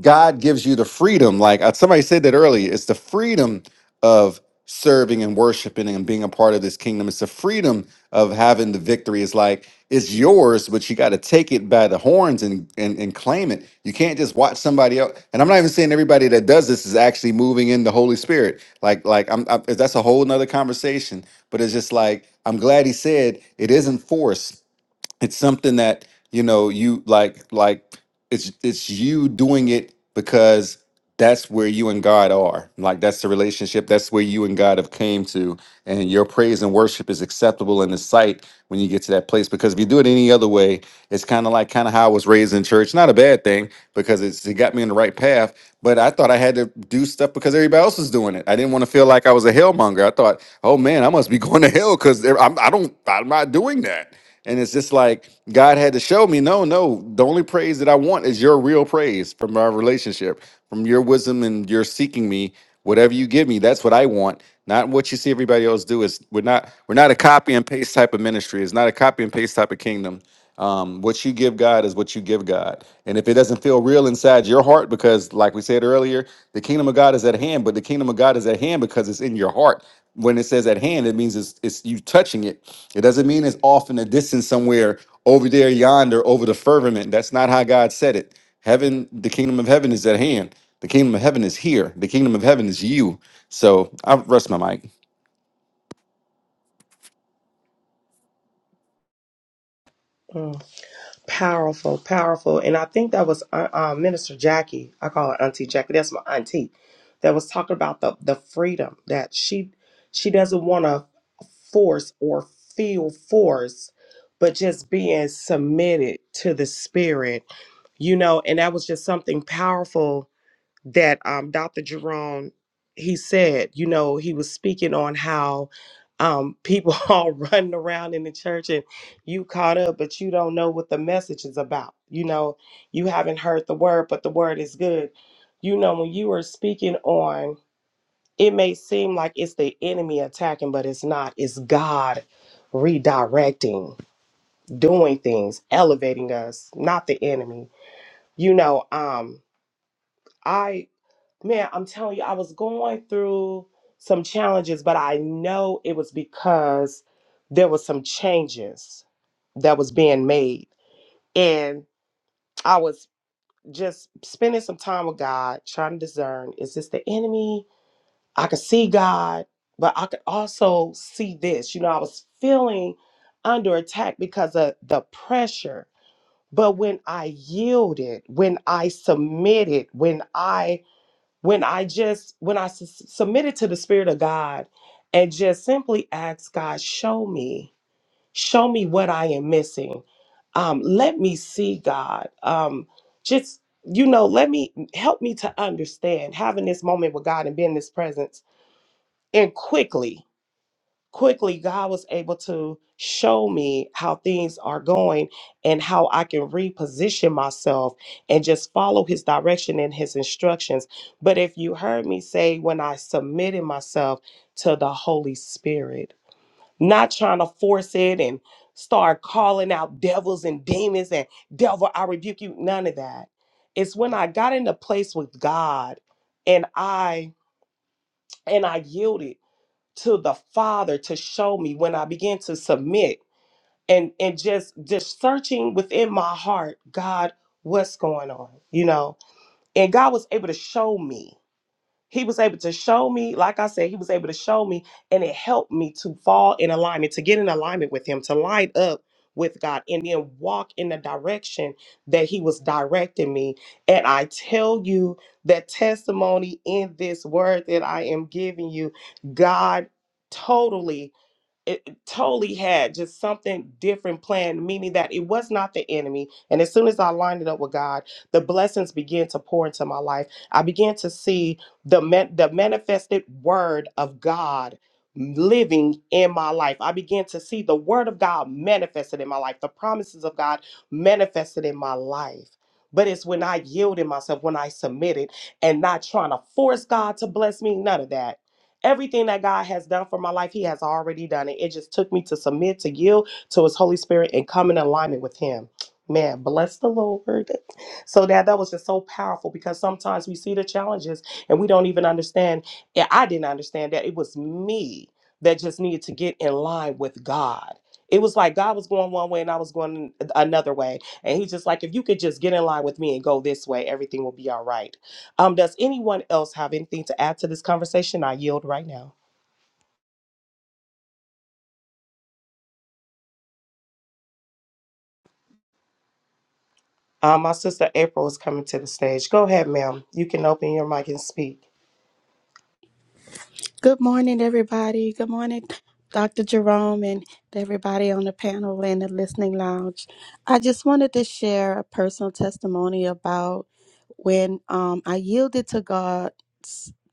Speaker 6: God gives you the freedom. Like uh, somebody said that earlier, it's the freedom of serving and worshiping and being a part of this kingdom. It's the freedom of having the victory. It's like it's yours, but you got to take it by the horns and, and and claim it. You can't just watch somebody else. And I'm not even saying everybody that does this is actually moving in the Holy Spirit. Like like I'm, i that's a whole nother conversation. But it's just like I'm glad he said it isn't force it's something that you know you like like it's it's you doing it because that's where you and God are. Like that's the relationship. That's where you and God have came to. And your praise and worship is acceptable in the sight when you get to that place. Because if you do it any other way, it's kind of like kind of how I was raised in church. Not a bad thing because it's it got me on the right path. But I thought I had to do stuff because everybody else was doing it. I didn't want to feel like I was a hellmonger. I thought, oh man, I must be going to hell because I'm I don't I'm not doing that. And it's just like God had to show me, no, no, the only praise that I want is your real praise from our relationship, from your wisdom and your seeking me. Whatever you give me, that's what I want, not what you see everybody else do. Is we're not we're not a copy and paste type of ministry. It's not a copy and paste type of kingdom. Um, what you give God is what you give God. And if it doesn't feel real inside your heart, because like we said earlier, the kingdom of God is at hand, but the kingdom of God is at hand because it's in your heart. When it says at hand, it means it's, it's you touching it. It doesn't mean it's off in the distance somewhere over there, yonder, over the firmament. That's not how God said it. Heaven, the kingdom of heaven is at hand. The kingdom of heaven is here. The kingdom of heaven is you. So I rest my mic.
Speaker 4: Mm, powerful, powerful. And I think that was uh, uh, Minister Jackie. I call her Auntie Jackie. That's my auntie. That was talking about the, the freedom that she she doesn't want to force or feel force, but just being submitted to the spirit, you know, and that was just something powerful that um, Dr. Jerome he said, you know, he was speaking on how um, people all running around in the church and you caught up, but you don't know what the message is about. You know, you haven't heard the word, but the word is good. You know, when you were speaking on, it may seem like it's the enemy attacking, but it's not. It's God redirecting, doing things, elevating us, not the enemy. You know, um, I Man, I'm telling you, I was going through some challenges, but I know it was because there was some changes that was being made. And I was just spending some time with God, trying to discern, is this the enemy? I could see God, but I could also see this. You know, I was feeling under attack because of the pressure. But when I yielded, when I submitted, when I when I just when I s- submitted to the spirit of God and just simply asked God, show me, show me what I am missing. Um, let me see God. Um, just you know, let me help me to understand having this moment with God and being in His presence and quickly quickly God was able to show me how things are going and how I can reposition myself and just follow his direction and his instructions. But if you heard me say when I submitted myself to the Holy Spirit, not trying to force it and start calling out devils and demons and devil, I rebuke you, none of that. It's when I got in a place with God and I and I yielded to the Father to show me when I began to submit and and just just searching within my heart, God, what's going on? You know, and God was able to show me he was able to show me like i said he was able to show me and it helped me to fall in alignment to get in alignment with him to line up with god and then walk in the direction that he was directing me and i tell you that testimony in this word that i am giving you god totally it it totally had just something different planned, meaning that it was not the enemy. And as soon as I lined it up with God, the blessings began to pour into my life. I began to see the man, the manifested word of God living in my life. I began to see the word of God manifested in my life, the promises of God manifested in my life. But it's when I yielded myself, when I submitted, and not trying to force God to bless me, none of that Everything that God has done for my life, He has already done it. It just took me to submit, to yield to His Holy Spirit, and come in alignment with Him. Man, bless the Lord. So that that was just so powerful because sometimes we see the challenges and we don't even understand. And I didn't understand that it was me that just needed to get in line with God. It was like God was going one way and I was going another way. And he's just like, if you could just get in line with me and go this way, everything will be all right um, does anyone else have anything to add to this conversation? I yield right now. Um, my sister April is coming to the stage. Go ahead, ma'am. You can open your mic and speak.
Speaker 7: Good morning, everybody. Good morning, Dr. Jerome, and everybody on the panel and the listening lounge. I just wanted to share a personal testimony about when um, I yielded to God,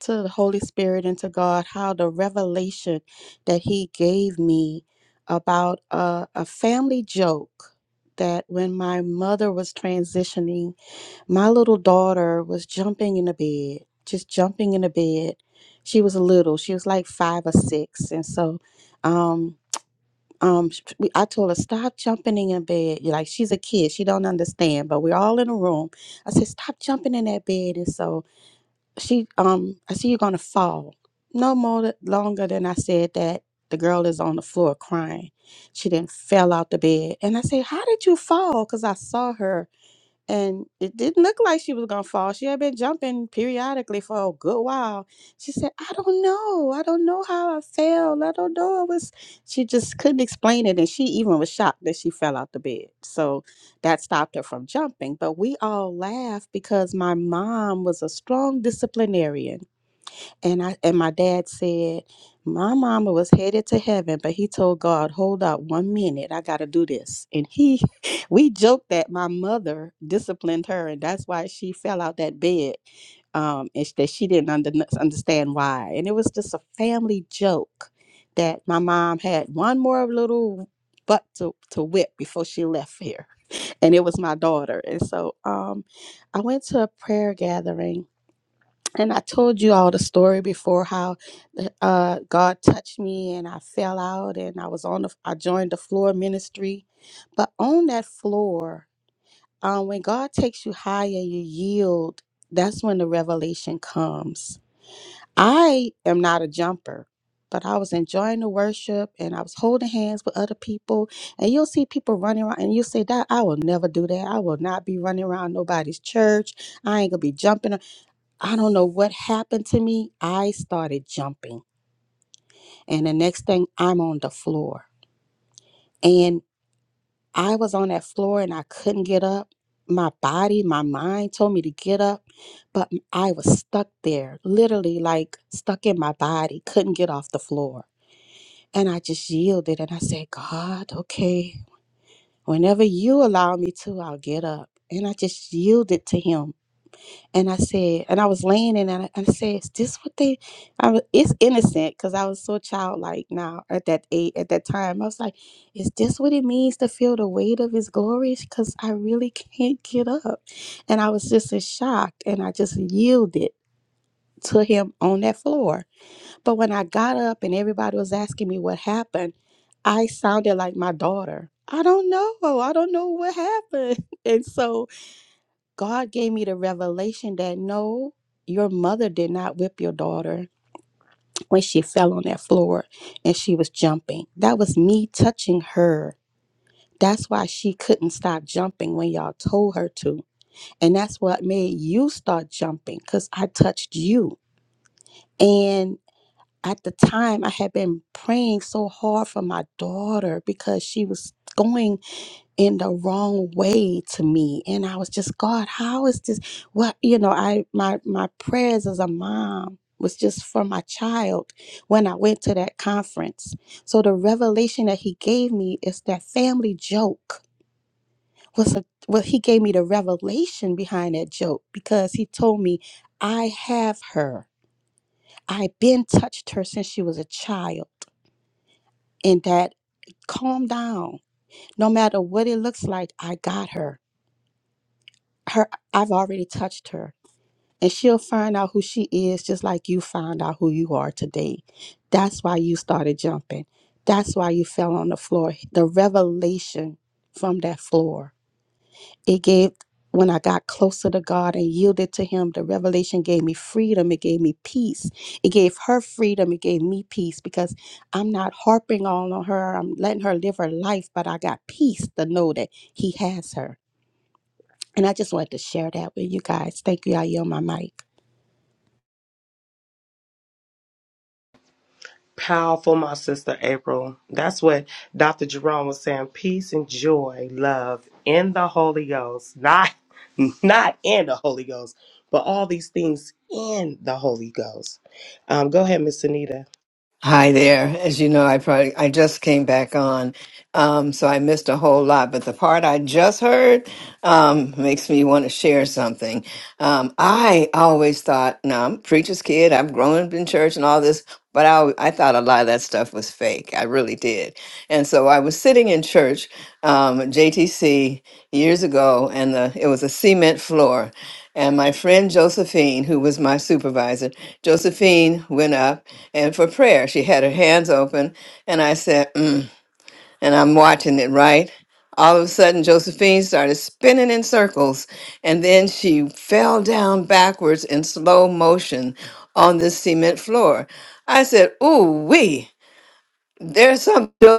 Speaker 7: to the Holy Spirit, and to God, how the revelation that He gave me about a, a family joke that when my mother was transitioning my little daughter was jumping in the bed, just jumping in the bed. She was little. She was like five or six, and so, um, um, sh- we- I told her stop jumping in the bed. You're like she's a kid. She don't understand. But we're all in a room. I said stop jumping in that bed, and so she, um, I said you're gonna fall. No more th- longer than I said that. The girl is on the floor crying. She then fell out the bed, and I said, "How did you fall?" Because I saw her and it didn't look like she was gonna fall. She had been jumping periodically for a good while. She said, "I don't know. I don't know how I fell. I don't know. It was." She just couldn't explain it, and she even was shocked that she fell out the bed. So that stopped her from jumping. But we all laughed because my mom was a strong disciplinarian and I and my dad said, My mama was headed to heaven, but he told God, Hold up one minute, I gotta do this. And he we joked that my mother disciplined her, and that's why she fell out that bed. Um, and sh- that she didn't under, understand why. And it was just a family joke that my mom had one more little butt to, to whip before she left here. And it was my daughter. And so um I went to a prayer gathering and I told you all the story before how uh, God touched me and I fell out and I was on the I joined the floor ministry, but on that floor, um, when God takes you high and you yield, that's when the revelation comes. I am not a jumper. But I was enjoying the worship and I was holding hands with other people. And you'll see people running around and you'll say, That I will never do that. I will not be running around nobody's church. I ain't gonna be jumping. I don't know what happened to me. I started jumping. And the next thing, I'm on the floor. And I was on that floor and I couldn't get up. My body, my mind told me to get up, but m- I was stuck there, literally like stuck in my body, couldn't get off the floor. And I just yielded and I said, God, okay, whenever you allow me to, I'll get up. And I just yielded to Him. and I said, and I was laying in, and I, and I said, "Is this what they?" I was, it's innocent because I was so childlike now at that age, at that time. I was like, "Is this what it means to feel the weight of His glory?" Because I really can't get up, and I was just in shock, and I just yielded to Him on that floor. But when I got up, and everybody was asking me what happened, I sounded like my daughter. I don't know. I don't know what happened, and so God gave me the revelation that no, your mother did not whip your daughter when she fell on that floor and she was jumping. That was me touching her. That's why she couldn't stop jumping when y'all told her to. And that's what made you start jumping because I touched you. And at the time, I had been praying so hard for my daughter because she was going in the wrong way to me and i was just god how is this what you know i my my prayers as a mom was just for my child when i went to that conference so the revelation that he gave me is that family joke was a well he gave me the revelation behind that joke because he told me i have her i've been touched her since she was a child and that calm down no matter what it looks like i got her her I've already touched her and she'll find out who she is just like you found out who you are today. That's why you started jumping. That's why you fell on the floor. The revelation from that floor. It gave when I got closer to God and yielded to him, the revelation gave me freedom, it gave me peace. It gave her freedom, it gave me peace because I'm not harping all on her. I'm letting her live her life, but I got peace to know that he has her and I just wanted to share that with you guys. Thank you. I yield my mic.
Speaker 4: Powerful, my sister April. That's what Dr. Jerome was saying. Peace and joy, love in the Holy Ghost. Not not in the Holy Ghost, but all these things in the Holy Ghost. Um, go ahead, Miss Anita.
Speaker 8: Hi there. As you know, I probably I just came back on, um, so I missed a whole lot. But the part I just heard um, makes me want to share something. Um, I always thought, no, I'm a preacher's kid. I've grown up in church and all this, but I, w- I thought a lot of that stuff was fake. I really did. And so I was sitting in church, um, JTC, years ago, and the, it was a cement floor. And my friend Josephine, who was my supervisor, Josephine went up and for prayer, she had her hands open. And I said, and I'm watching it, right? All of a sudden, Josephine started spinning in circles, and then she fell down backwards in slow motion on the cement floor. I said, Ooh, wee, there's something.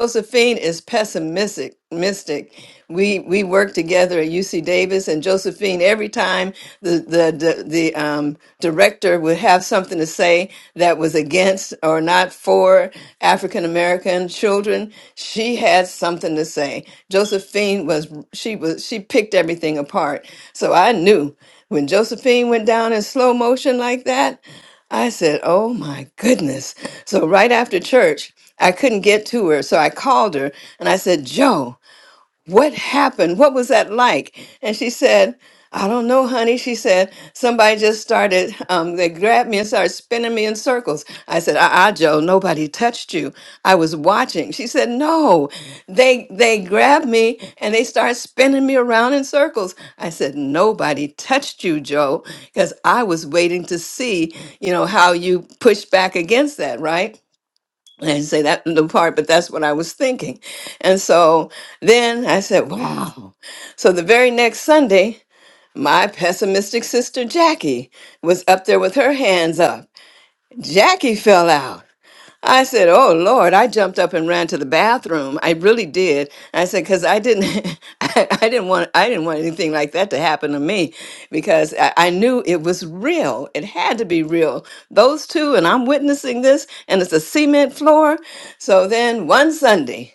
Speaker 8: Josephine is pessimistic. Mystic. We we work together at UC Davis, and Josephine. Every time the the the, the um, director would have something to say that was against or not for African American children, she had something to say. Josephine was she was she picked everything apart. So I knew when Josephine went down in slow motion like that. I said, Oh my goodness. So, right after church, I couldn't get to her. So I called her and I said, Joe, what happened? What was that like? And she said, I don't know, honey. She said, somebody just started, um, they grabbed me and started spinning me in circles. I said, ah, ah, Joe, nobody touched you. I was watching. She said, no, they, they grabbed me and they started spinning me around in circles. I said, nobody touched you, Joe, because I was waiting to see, you know, how you pushed back against that, right? I didn't say that in the part, but that's what I was thinking. And so then I said, wow. So the very next Sunday, my pessimistic sister Jackie was up there with her hands up. Jackie fell out. I said, "Oh Lord!" I jumped up and ran to the bathroom. I really did. I said, "Cause I didn't, I, I didn't want, I didn't want anything like that to happen to me, because I, I knew it was real. It had to be real. Those two, and I'm witnessing this, and it's a cement floor. So then one Sunday."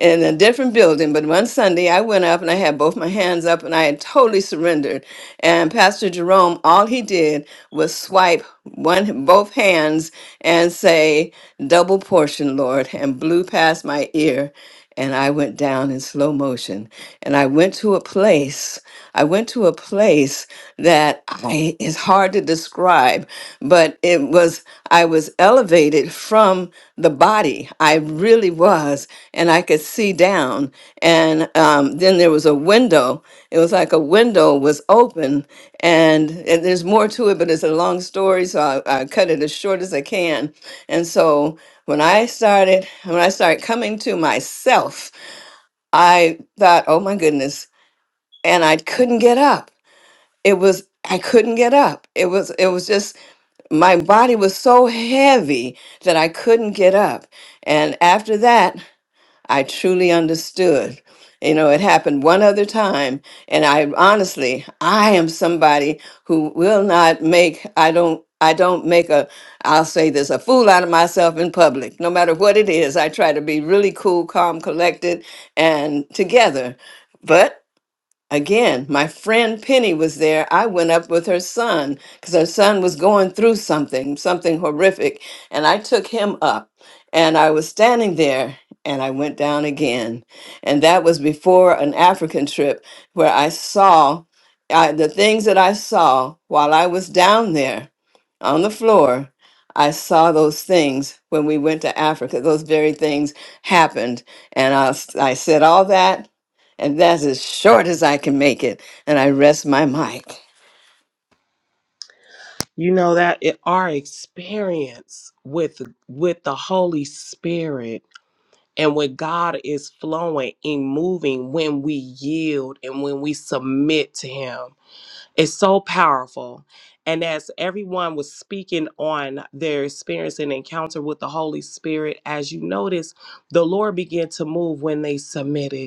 Speaker 8: in a different building. But one Sunday, I went up and I had both my hands up and I had totally surrendered. And Pastor Jerome, all he did was swipe one both hands and say, "Double portion, Lord," and blew past my ear. And I went down in slow motion. And I went to a place. I went to a place that I is hard to describe, but it was I was elevated from the body. I really was, and I could see down. And um, then there was a window. It was like a window was open, and, and there's more to it, but it's a long story, so I, I cut it as short as I can. And so when I started, when I started coming to myself, I thought, "Oh my goodness." And I couldn't get up it was I couldn't get up. It was it was just my body was so heavy that I couldn't get up. And after that, I truly understood. You know, it happened one other time and I honestly, I am somebody who will not make I don't I don't make a I'll say this a fool out of myself in public. No matter what it is, I try to be really cool, calm, collected and together. But. Again, my friend Penny was there. I went up with her son because her son was going through something, something horrific. And I took him up and I was standing there and I went down again. And that was before an African trip where I saw I, the things that I saw while I was down there on the floor. I saw those things when we went to Africa. Those very things happened. And I, I said all that and that's as short as I can make it. And I rest my mic.
Speaker 4: You know that it, our experience with with the Holy Spirit And when God is flowing and moving, when we yield and when we submit to Him, it's so powerful. And as everyone was speaking on their experience and encounter with the Holy Spirit, as you notice, the Lord began to move when they submitted.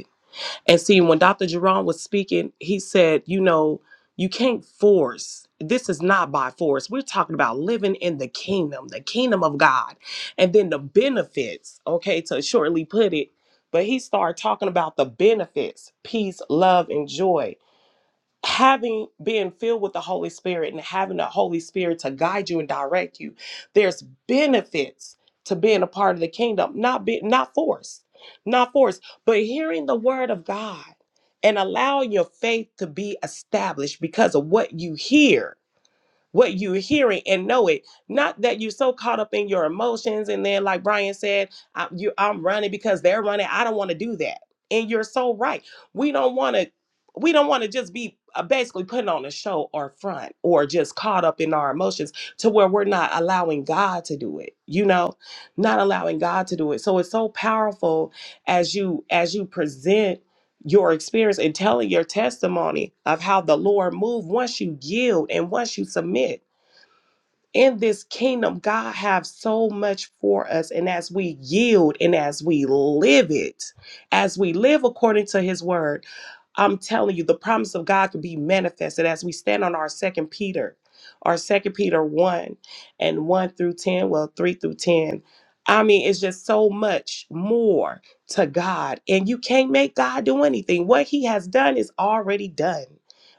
Speaker 4: And see, when Dr. Jerome was speaking, he said, you know, you can't force. This is not by force. We're talking about living in the kingdom, the kingdom of God. And then the benefits, okay, to shortly put it. But he started talking about the benefits, peace, love, and joy having being filled with the Holy Spirit and having the Holy Spirit to guide you and direct you, there's benefits to being a part of the kingdom, not be not forced, not forced, but hearing the word of God and allowing your faith to be established because of what you hear what you're hearing and know it. Not that you're so caught up in your emotions and then, like Brian said, I, you, I'm running because they're running. I don't want to do that. And you're so right. We don't want to. We don't want to just be uh, basically putting on a show or front or just caught up in our emotions to where we're not allowing God to do it. You know, not allowing God to do it. So it's so powerful as you as you present your experience and telling your testimony of how the Lord moved once you yield and once you submit in this kingdom, God have so much for us. And as we yield and as we live it, as we live according to his word, I'm telling you, the promise of God can be manifested as we stand on our second Peter, our second Peter 1 and 1 through 10, well, 3 through 10. I mean, it's just so much more to God. And you can't make God do anything. What he has done is already done.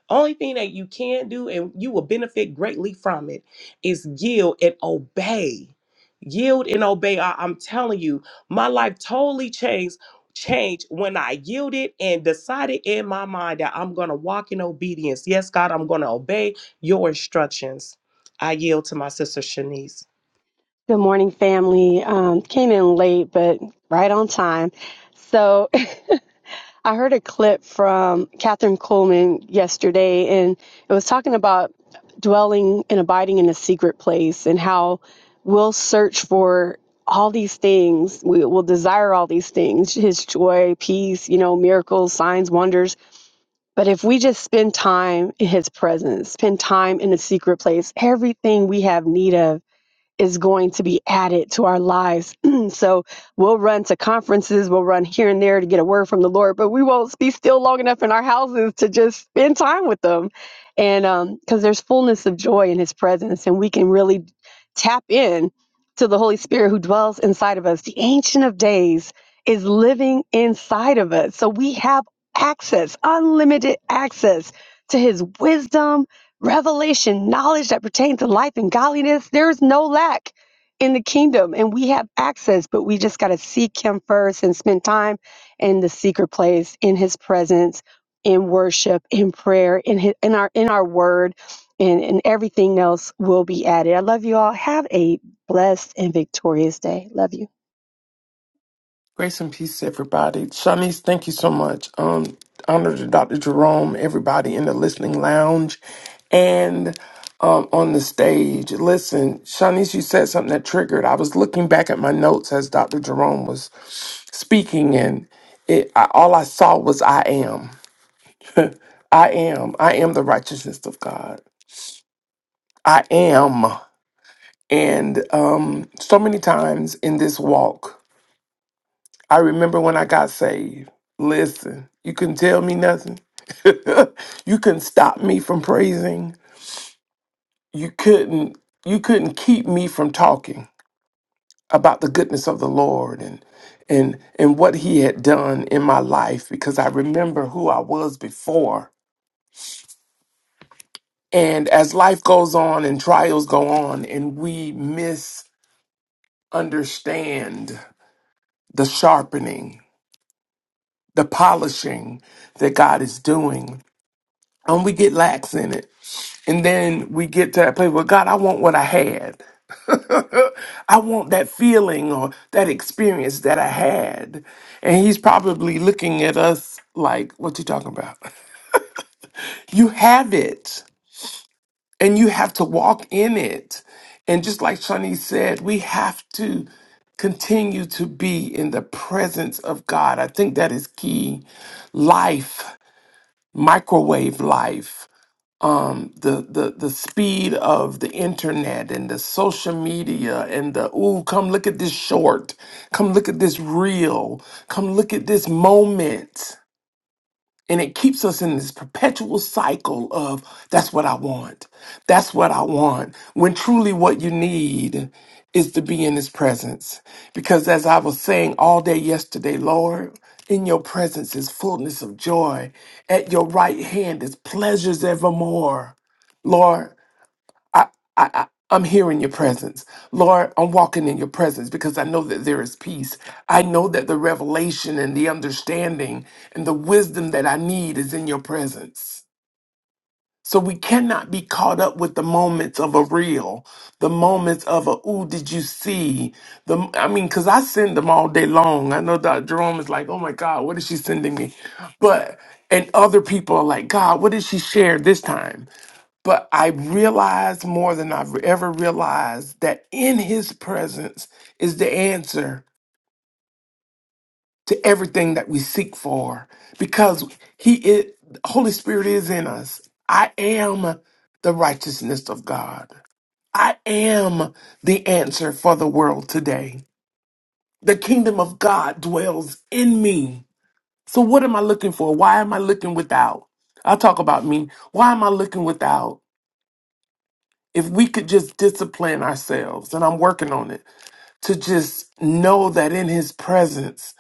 Speaker 4: Only thing that you can do, and you will benefit greatly from it is yield and obey. Yield and obey. I, am telling you, my life totally changed changed when I yielded and decided in my mind that I'm gonna walk in obedience. Yes, God, I'm gonna obey your instructions. I yield to my sister Shanice.
Speaker 9: Good morning, family. Um, came in late, but right on time. So I heard a clip from Catherine Coleman yesterday, and it was talking about dwelling and abiding in a secret place and how we'll search for all these things. We will desire all these things his joy, peace, you know, miracles, signs, wonders. But if we just spend time in his presence, spend time in a secret place, everything we have need of is going to be added to our lives. so we'll run to conferences, we'll run here and there to get a word from the Lord, but we won't be still long enough in our houses to just spend time with them. And because there's fullness of joy in His presence, and we can really tap in to the Holy Spirit who dwells inside of us. The Ancient of Days is living inside of us. So we have access, unlimited access to His wisdom revelation, knowledge that pertains to life and godliness. There is no lack in the kingdom, and we have access, but we just got to seek Him first and spend time in the secret place, in His presence, in worship, in prayer, in his, in our in our Word, and and everything else will be added. I love you all. Have a blessed and victorious day. Love you.
Speaker 1: Grace and peace, everybody. Shanice, thank you so much. Um, honor to Dr. Jerome, everybody in the listening lounge and um, on the stage. Listen, Shanice, you said something that triggered. I was looking back at my notes as Dr. Jerome was speaking, and it, I, all I saw was I am. I am. I am the righteousness of God. I am. And um, so many times in this walk, I remember when I got saved. Listen, you couldn't tell me nothing. you couldn't stop me from praising. You couldn't you couldn't keep me from talking about the goodness of the Lord and and and what he had done in my life because I remember who I was before. And as life goes on and trials go on and we misunderstand the sharpening, the polishing that God is doing, and we get lax in it And then we get to that place where God, I want what I had. Uh, I want that feeling or that experience that I had. And He's probably looking at us like, what you talking about? You have it and you have to walk in it. And just like Shani said, we have to continue to be in the presence of God. I think that is key. Life, microwave life. um, the, the the speed of the internet and the social media and the ooh, come look at this short, come look at this reel, come look at this moment. And it keeps us in this perpetual cycle of that's what I want. That's what I want. When truly what you need is to be in his presence. Because as I was saying all day yesterday, Lord, in your presence is fullness of joy. At your right hand is pleasures evermore. Lord, I, I, I- I'm here in your presence. Lord, I'm walking in your presence because I know that there is peace. I know that the revelation and the understanding and the wisdom that I need is in your presence. So we cannot be caught up with the moments of a reel, the moments of a ooh, did you see? The I mean, because I send them all day long. I know Dr. Jerome is like, oh my God, what is she sending me? But and other people are like, God, what did she share this time? But I realized more than I've ever realized that in his presence is the answer to everything that we seek for because he is, Holy Spirit is in us. I am the righteousness of God. I am the answer for the world today. The kingdom of God dwells in me. So what am I looking for? Why am I looking without? I'll talk about me. Why am I looking without? if we could just discipline ourselves, and I'm working on it, to just know that in His presence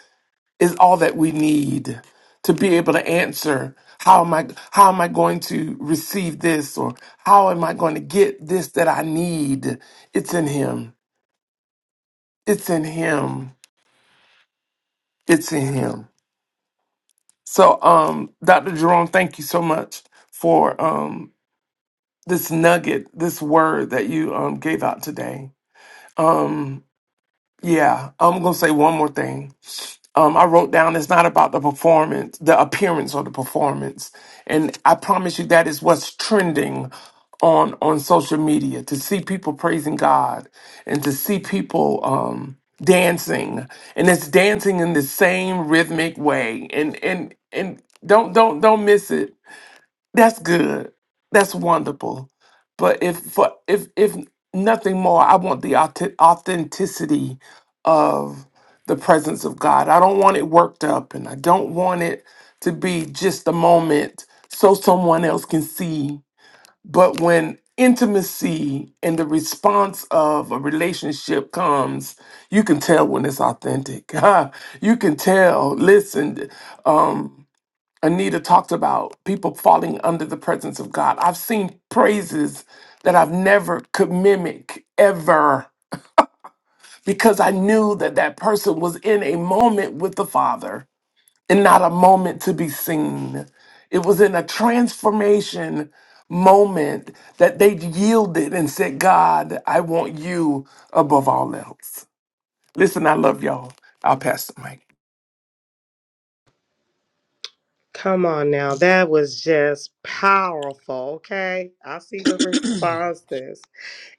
Speaker 1: is all that we need to be able to answer. How am I? How am I going to receive this, or how am I going to get this that I need? It's in Him. It's in Him. It's in Him. So, um, Dr. Jerome, thank you so much for um this nugget, this word that you um gave out today. Yeah, I'm gonna say one more thing um, I wrote down it's not about the performance, the appearance or the performance. And I promise you that is what's trending on on social media to see people praising God and to see people um dancing and it's dancing in the same rhythmic way and and and don't don't don't miss it that's good. That's wonderful. But if for if if nothing more, I want the authe- authenticity of the presence of God. I don't want it worked up, and I don't want it to be just a moment so someone else can see. But when intimacy and the response of a relationship comes, you can tell when it's authentic. you can tell. Listen, um, Anita talked about people falling under the presence of God. I've seen praises that I've never could mimic ever because I knew that that person was in a moment with the Father and not a moment to be seen. It was in a transformation moment that they yielded and said, God, I want you above all else. Listen, I love y'all. I'll pass the mic.
Speaker 4: Come on now, that was just powerful. Okay, I see the responses,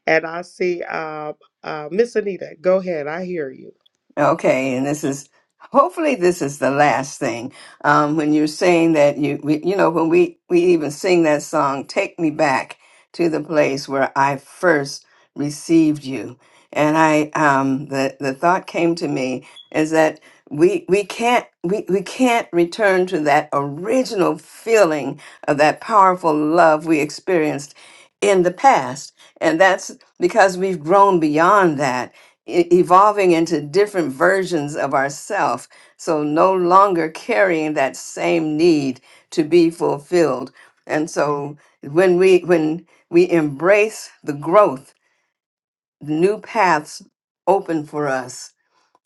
Speaker 4: and I see uh, uh, Miss Anita. Go ahead, I hear you.
Speaker 8: Okay, and this is hopefully this is the last thing. Um, when you're saying that you, we, you know, when we we even sing that song, "Take Me Back to the Place Where I First Received You," and I, um, the the thought came to me is that we we can't we we can't return to that original feeling of that powerful love we experienced in the past, and that's because we've grown beyond that e- evolving into different versions of ourself so no longer carrying that same need to be fulfilled and so when we when we embrace the growth new paths open for us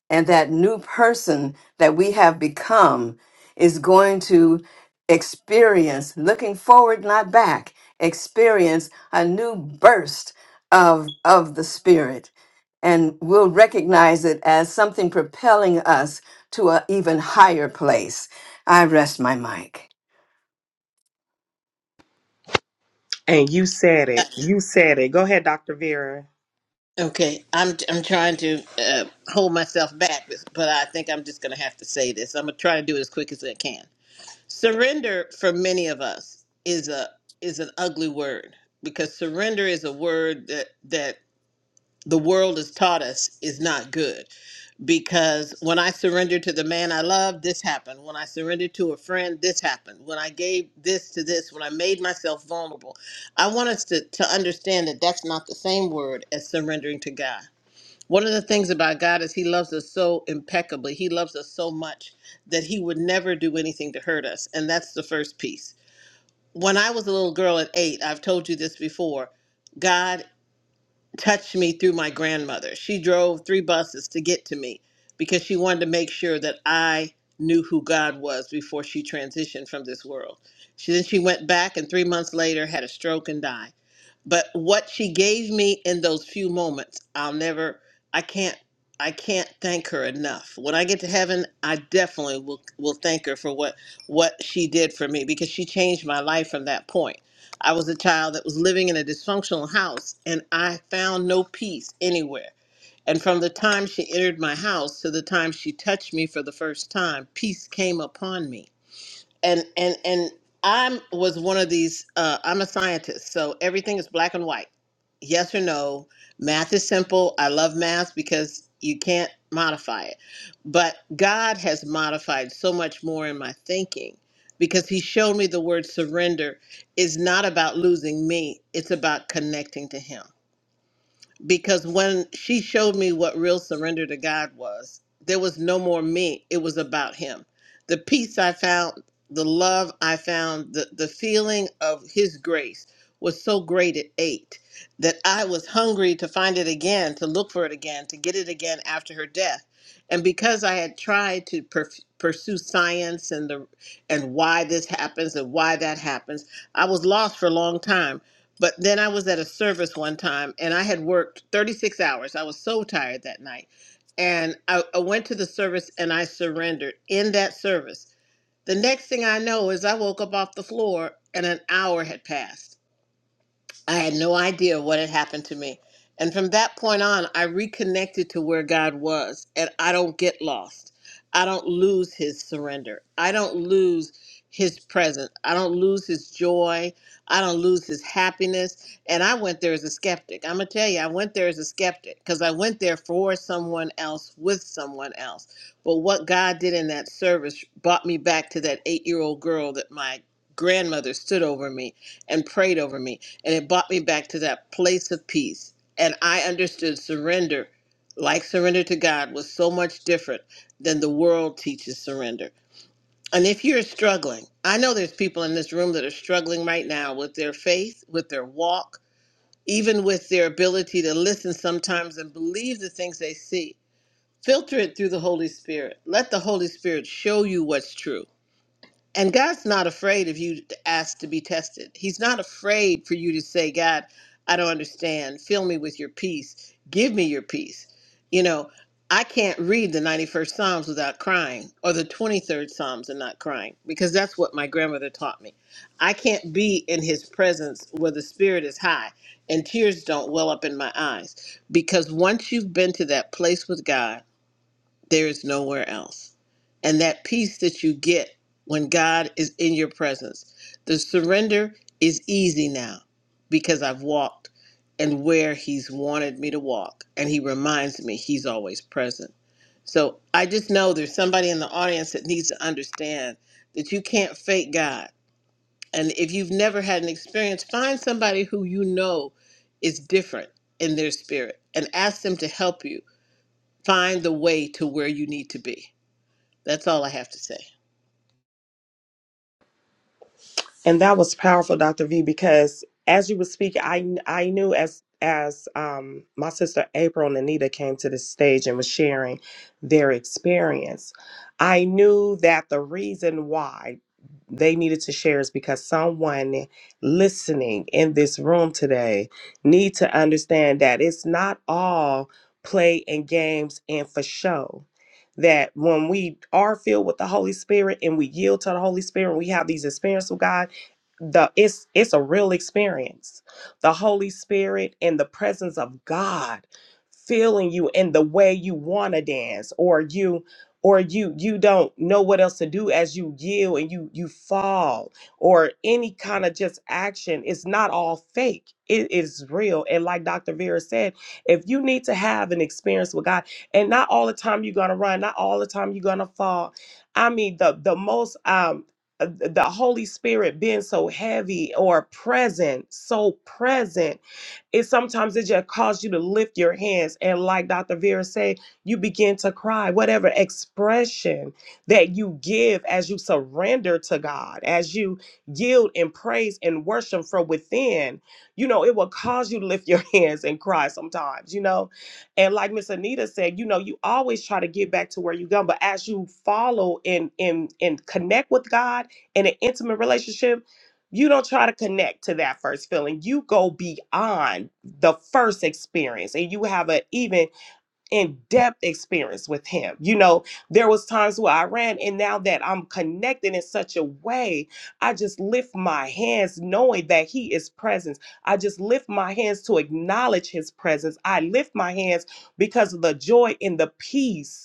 Speaker 8: and that new person that we have become is going to experience, looking forward, not back, experience a new burst of, of the Spirit. And we'll recognize it as something propelling us to an even higher place. I rest my mic.
Speaker 4: And you said it. You said it. Go ahead, Dr. Vera.
Speaker 2: Okay, I'm I'm trying to uh, hold myself back, but I think I'm just going to have to say this. I'm going to try to do it as quick as I can. Surrender for many of us is a is an ugly word because surrender is a word that that the world has taught us is not good. because when I surrendered to the man I loved, this happened. When I surrendered to a friend, this happened. When I gave this to this, when I made myself vulnerable, I want us to, to understand that that's not the same word as surrendering to God. One of the things about God is He loves us so impeccably. He loves us so much that He would never do anything to hurt us. And that's the first piece. When I was a little girl at eight, I've told you this before, God touched me through my grandmother. She drove three buses to get to me because she wanted to make sure that I knew who God was before she transitioned from this world. She then she went back and 3 months later had a stroke and died. But what she gave me in those few moments, I'll never I can't I can't thank her enough. When I get to heaven, I definitely will will thank her for what what she did for me because she changed my life from that point. I was a child that was living in a dysfunctional house and I found no peace anywhere. And from the time she entered my house to the time she touched me for the first time, peace came upon me and and and I'm was one of these. Uh, I'm a scientist, so everything is black and white. Yes or no. Math is simple. I love math because you can't modify it. But God has modified so much more in my thinking because He showed me the word surrender is not about losing me. It's about connecting to Him because when she showed me what real surrender to God was, there was no more me. It was about Him. The peace I found, the love I found, the, the feeling of His grace was so great it ate that I was hungry to find it again, to look for it again, to get it again after her death. And because I had tried to per- pursue science and the and why this happens and why that happens, I was lost for a long time but then I was at a service one time and I had worked 36 hours. I was so tired that night. And I, I went to the service and I surrendered in that service. The next thing I know is I woke up off the floor and an hour had passed I had no idea what had happened to me. And from that point on, I reconnected to where God was, and I don't get lost. I don't lose his surrender. I don't lose his presence. I don't lose his joy. I don't lose his happiness. And I went there as a skeptic. I'm going to tell you, I went there as a skeptic because I went there for someone else with someone else. But what God did in that service brought me back to that eight year old girl that my grandmother stood over me and prayed over me and it brought me back to that place of peace. And I understood surrender, like surrender to God, was so much different than the world teaches surrender. And if you're struggling, I know there's people in this room that are struggling right now with their faith, with their walk, even with their ability to listen sometimes and believe the things they see. Filter it through the Holy Spirit. Let the Holy Spirit show you what's true and God's not afraid of you to ask to be tested. He's not afraid for you to say, God, I don't understand. Fill me with your peace. Give me your peace. You know, I can't read the 91st Psalms without crying or the 23rd Psalms and not crying because that's what my grandmother taught me. I can't be in his presence where the spirit is high and tears don't well up in my eyes because once you've been to that place with God, there is nowhere else. And that peace that you get when God is in your presence, the surrender is easy now because I've walked and where He's wanted me to walk. And He reminds me He's always present. So I just know there's somebody in the audience that needs to understand that you can't fake God. And if you've never had an experience, find somebody who you know is different in their spirit and ask them to help you find the way to where you need to be. That's all I have to say.
Speaker 4: And that was powerful, Dr. V, because as you were speaking, I I knew as as um, my sister April and Anita came to the stage and was sharing their experience, I knew that the reason why they needed to share is because someone listening in this room today need to understand that it's not all play and games and for show that when we are filled with the holy spirit and we yield to the holy spirit we have these experiences with god the it's it's a real experience the holy spirit and the presence of god filling you in the way you want to dance or you or you you don't know what else to do as you yield and you you fall or any kind of just action it's not all fake it is real and like dr vera said if you need to have an experience with god and not all the time you're gonna run not all the time you're gonna fall i mean the the most um uh, the Holy Spirit being so heavy or present, so present, it sometimes it just causes you to lift your hands and like Dr. Vera said, you begin to cry. Whatever expression that you give as you surrender to God, as you yield and praise and worship from within, you know, it will cause you to lift your hands and cry sometimes, you know. And like Miss Anita said, you know, you always try to get back to where you go, but as you follow and and and connect with God in an intimate relationship, you don't try to connect to that first feeling. You go beyond the first experience and you have an even in-depth experience with him. You know, there was times where I ran and now that I'm connected in such a way, I just lift my hands knowing that he is present. I just lift my hands to acknowledge his presence. I lift my hands because of the joy and the peace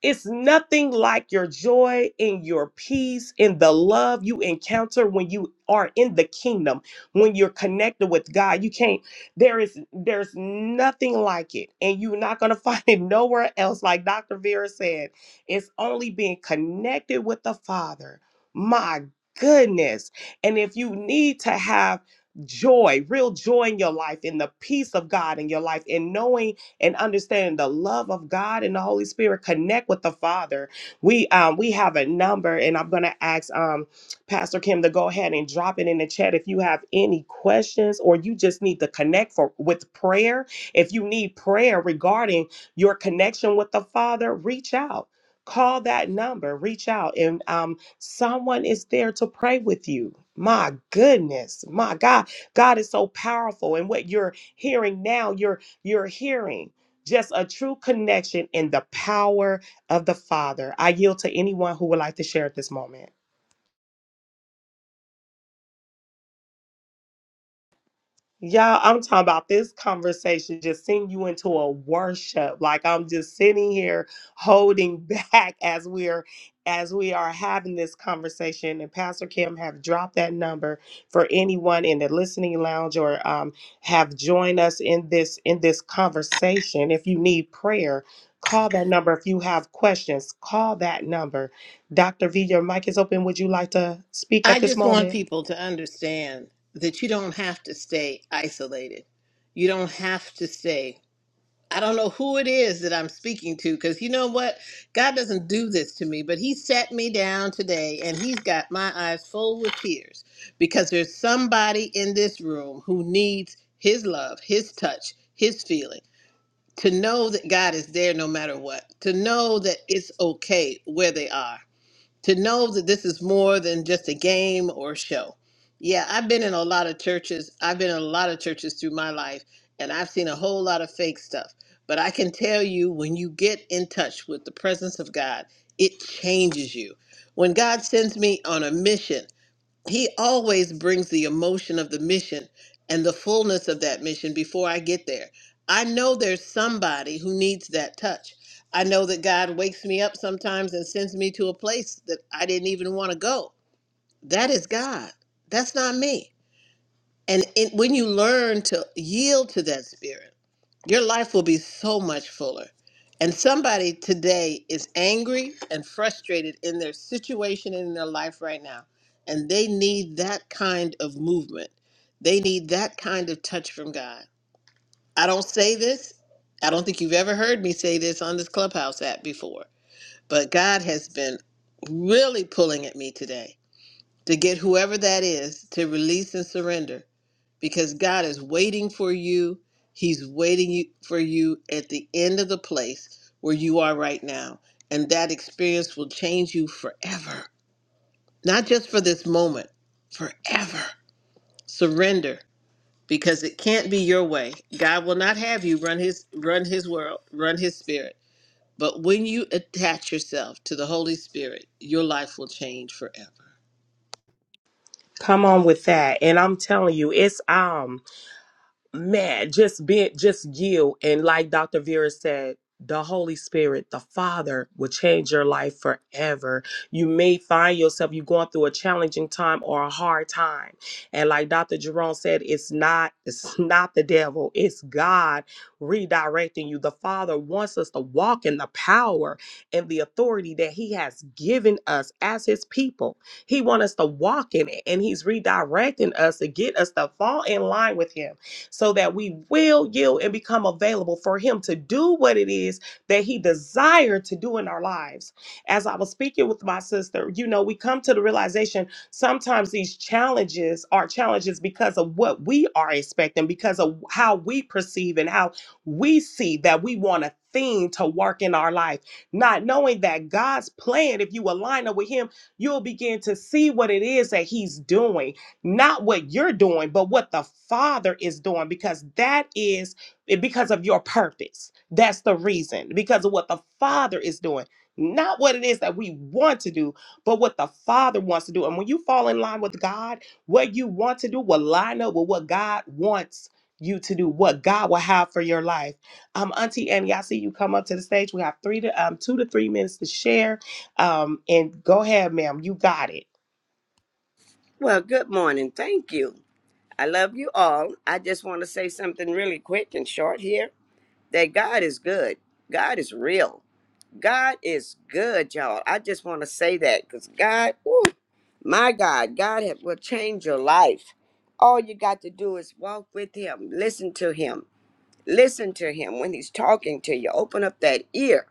Speaker 4: it's nothing like your joy and your peace and the love you encounter when you are in the kingdom, when you're connected with God. You can't, there is, there's nothing like it. And you're not going to find it nowhere else. Like Dr. Vera said, it's only being connected with the Father. My goodness. And if you need to have joy, real joy in your life, and the peace of God in your life, and knowing and understanding the love of God and the Holy Spirit. Connect with the Father. We um, we have a number, and I'm gonna ask um, Pastor Kim to go ahead and drop it in the chat if you have any questions or you just need to connect for with prayer. If you need prayer regarding your connection with the Father, reach out. Call that number, reach out, and um, someone is there to pray with you. My goodness, my God, God is so powerful, and what you're hearing now, you're you're hearing. Just a true connection in the power of the Father. I yield to anyone who would like to share at this moment. Y'all, I'm talking about this conversation just send you into a worship. Like I'm just sitting here holding back as we're as we are having this conversation. And Pastor Kim have dropped that number for anyone in the listening lounge or um, have joined us in this in this conversation. If you need prayer, call that number. If you have questions, call that number. Dr. V, your mic is open. Would you like to speak at
Speaker 2: I
Speaker 4: this
Speaker 2: just want
Speaker 4: moment?
Speaker 2: people to understand that you don't have to stay isolated. You don't have to stay. I don't know who it is that I'm speaking to because you know what? God doesn't do this to me, but He sat me down today and He's got my eyes full with tears because there's somebody in this room who needs His love, His touch, His feeling. To know that God is there no matter what, to know that it's okay where they are to know that this is more than just a game or show. Yeah, I've been in a lot of churches. I've been in a lot of churches through my life, and I've seen a whole lot of fake stuff. But I can tell you, when you get in touch with the presence of God, it changes you. When God sends me on a mission, he always brings the emotion of the mission and the fullness of that mission before I get there. I know there's somebody who needs that touch. I know that God wakes me up sometimes and sends me to a place that I didn't even want to go. That is God. That's not me. And it, when you learn to yield to that spirit, your life will be so much fuller. And somebody today is angry and frustrated in their situation and in their life right now. And they need that kind of movement. They need that kind of touch from God. I don't say this. I don't think you've ever heard me say this on this Clubhouse app before. But God has been really pulling at me today to get whoever that is to release and surrender because God is waiting for you. He's waiting you- for you at the end of the place where you are right now. And that experience will change you forever, not just for this moment, forever. Surrender because it can't be your way. God will not have you run his run his world, run his spirit. But when you attach yourself to the Holy Spirit, your life will change forever.
Speaker 4: Come on with that. And I'm telling you, it's um. man, just be just you. And like Dr. Vera said, the Holy Spirit, the Father, will change your life forever. You may find yourself you going through a challenging time or a hard time. And like Dr. Jerome said, it's not, it's not the devil, it's God redirecting you. The Father wants us to walk in the power and the authority that He has given us as His people. He wants us to walk in it, and He's redirecting us to get us to fall in line with Him so that we will yield and become available for Him to do what it is that He desired to do in our lives. As I was speaking with my sister, you know, we come to the realization sometimes these challenges are challenges because of what we are expecting, because of how we perceive and how we see that we want a thing to work in our life, not knowing that God's plan, if you align up with Him, you'll begin to see what it is that He's doing not what you're doing, but what the Father is doing, because that is eh, because of your purpose. That's the reason, because of what the Father is doing, not what it is that we want to do, but what the Father wants to do. And when you fall in line with God, what you want to do will line up with what God wants you to do, what God will have for your life. Um, Auntie Annie, I see you come up to the stage. We have three to um, two to three minutes to share. Um, and go ahead, ma'am. You got it.
Speaker 10: Well, good morning. Thank you. I love you all. I just want to say something really quick and short here that God is good. God is real. God is good, y'all. I just want to say that because God, woo, my God, God ha- will change your life. All you got to do is walk with Him, listen to Him, listen to Him when He's talking to you. Open up that ear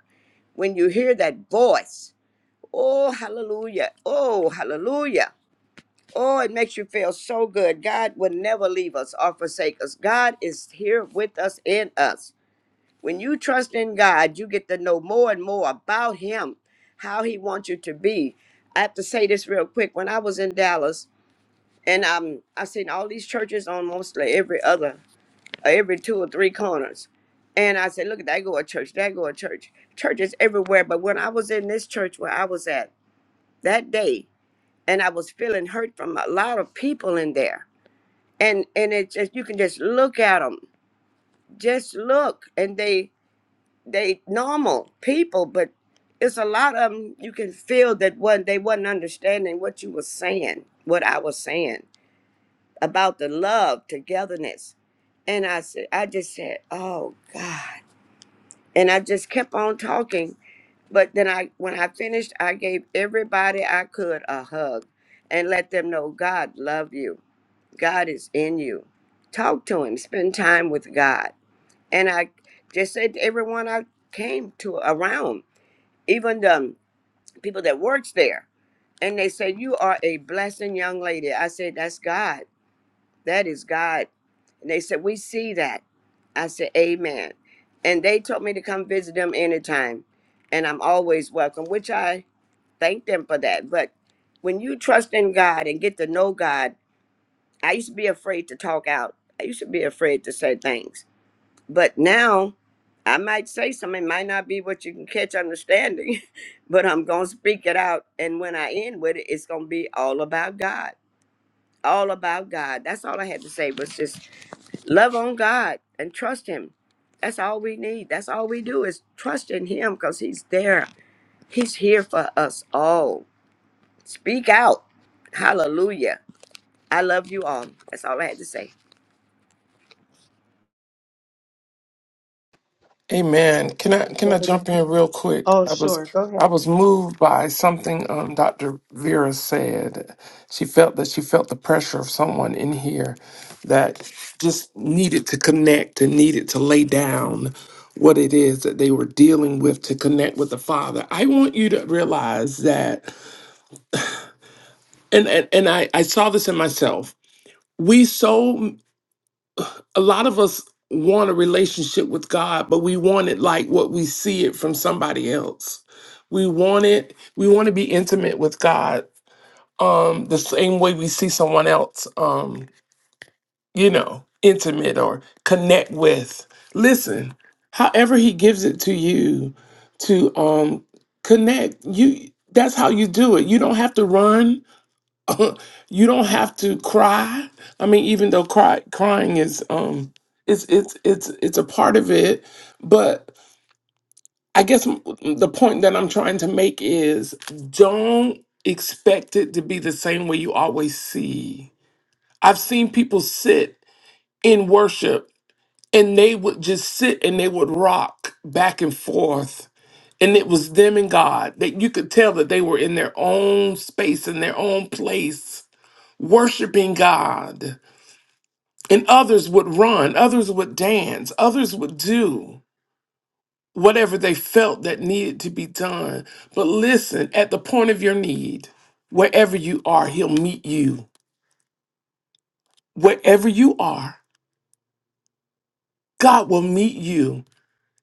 Speaker 10: when you hear that voice. Oh, hallelujah. Oh, hallelujah. Oh, it makes you feel so good. God will never leave us or forsake us. God is here with us in us. When you trust in God, you get to know more and more about Him, how He wants you to be. I have to say this real quick. When I was in Dallas, and um, I seen all these churches on mostly every other, uh, every two or three corners, and I said, "Look at that, go a church, that go a church, churches everywhere." But when I was in this church where I was at that day, and I was feeling hurt from a lot of people in there, and and it's just you can just look at them just look and they they normal people but it's a lot of them you can feel that one they wasn't understanding what you were saying what i was saying about the love togetherness and i said i just said oh god and i just kept on talking but then i when i finished i gave everybody i could a hug and let them know god loved you God is in you. Talk to him, spend time with God. And I just said to everyone I came to around, even the people that works there, and they said, You are a blessing young lady. I said, That's God. That is God. And they said, We see that. I said, Amen. And they told me to come visit them anytime. And I'm always welcome, which I thank them for that. But when you trust in God and get to know God, I used to be afraid to talk out. I used to be afraid to say things. But now I might say something, it might not be what you can catch understanding, but I'm going to speak it out. And when I end with it, it's going to be all about God. All about God. That's all I had to say was just love on God and trust Him. That's all we need. That's all we do is trust in Him because He's there. He's here for us all. Speak out. Hallelujah. I love you all. That's all I had to say.
Speaker 1: Amen. Can I can I jump in real quick?
Speaker 4: Oh,
Speaker 1: I was
Speaker 4: sure. Go
Speaker 1: I
Speaker 4: ahead.
Speaker 1: was moved by something um, Dr. Vera said. She felt that she felt the pressure of someone in here that just needed to connect and needed to lay down what it is that they were dealing with to connect with the Father. I want you to realize that, and and, and I, I saw this in myself. We so a lot of us want a relationship with God, but we want it like what we see it from somebody else. We want it, we want to be intimate with God um the same way we see someone else um you know, intimate or connect with. Listen, however he gives it to you to um connect, you that's how you do it. You don't have to run you don't have to cry. I mean, even though cry, crying is um, it's it's it's it's a part of it, but I guess m- the point that I'm trying to make is don't expect it to be the same way you always see. I've seen people sit in worship and they would just sit and they would rock back and forth. And it was them and God that you could tell that they were in their own space, in their own place, worshiping God And others would run, others would dance, others would do whatever they felt that needed to be done. But listen, at the point of your need, wherever you are, He'll meet you. Wherever you are, God will meet you.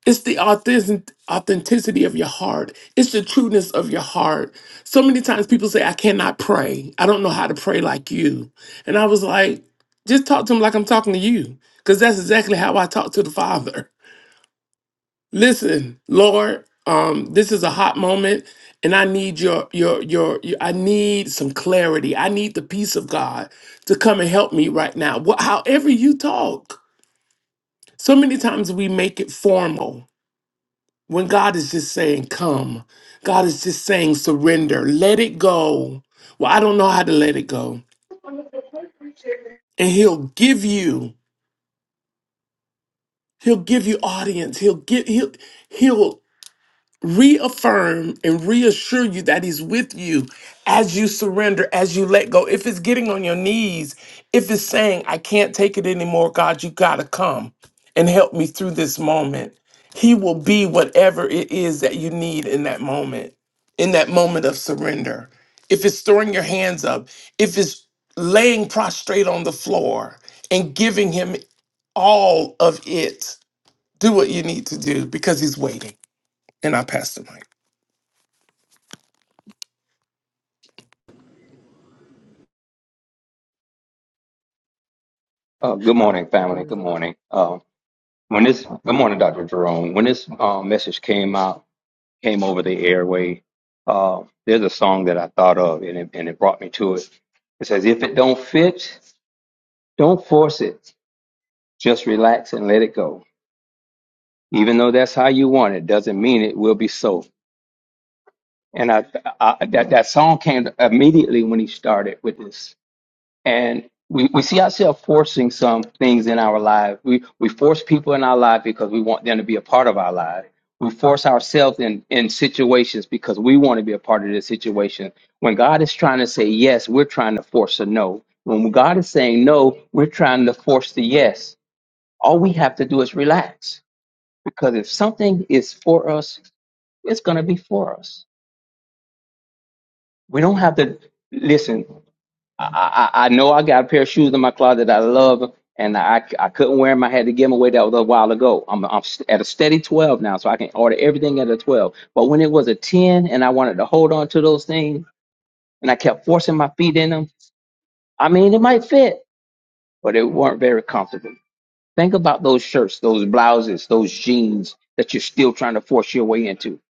Speaker 1: It's the authentic- authenticity of your heart. It's the trueness of your heart. So many times people say, I cannot pray. I don't know how to pray like you. And I was like, just talk to him like I'm talking to you, because that's exactly how I talk to the Father. Listen, Lord, um, this is a hot moment, and I need your, your your your I need some clarity. I need the peace of God to come and help me right now. Wh- however you talk, so many times we make it formal when God is just saying, "Come." God is just saying, "Surrender. Let it go." Well, I don't know how to let it go, and He'll give you. He'll give you audience. He'll give. He'll he'll reaffirm and reassure you that he's with you as you surrender as you let go if it's getting on your knees if it's saying i can't take it anymore god you gotta come and help me through this moment he will be whatever it is that you need in that moment in that moment of surrender if it's throwing your hands up if it's laying prostrate on the floor and giving him all of it do what you need to do because he's waiting and i pass the mic
Speaker 11: Uh, good morning, family. Good
Speaker 4: Go
Speaker 11: morning. Uh, when this, good morning, Dr. Jerome. When this uh, message came out, came over the airway, uh, there's a song that I thought of, and it, and it brought me to it. It says, "If it don't fit, don't force it. Just relax and let it go. Even though that's how you want it, doesn't mean it will be so." And I, I that, that song came immediately when he started with this. and we, we see ourselves forcing some things in our life. We we force people in our life because we want them to be a part of our life. We force ourselves in, in situations because we want to be a part of the situation. When God is trying to say yes, we're trying to force a no. When God is saying no, we're trying to force the yes. All we have to do is relax because if something is for us, it's going to be for us. We don't have to listen. I, I I know I got a pair of shoes in my closet that I love, and I, I couldn't wear them. I had to give them away. That was a while ago. I'm, I'm st- at a steady 12 now, so I can order everything at a 12. But when it was a 10 and I wanted to hold on to those things and I kept forcing my feet in them, I mean, it might fit, but it weren't very comfortable. Think about those shirts, those blouses, those jeans that you're still trying to force your way into,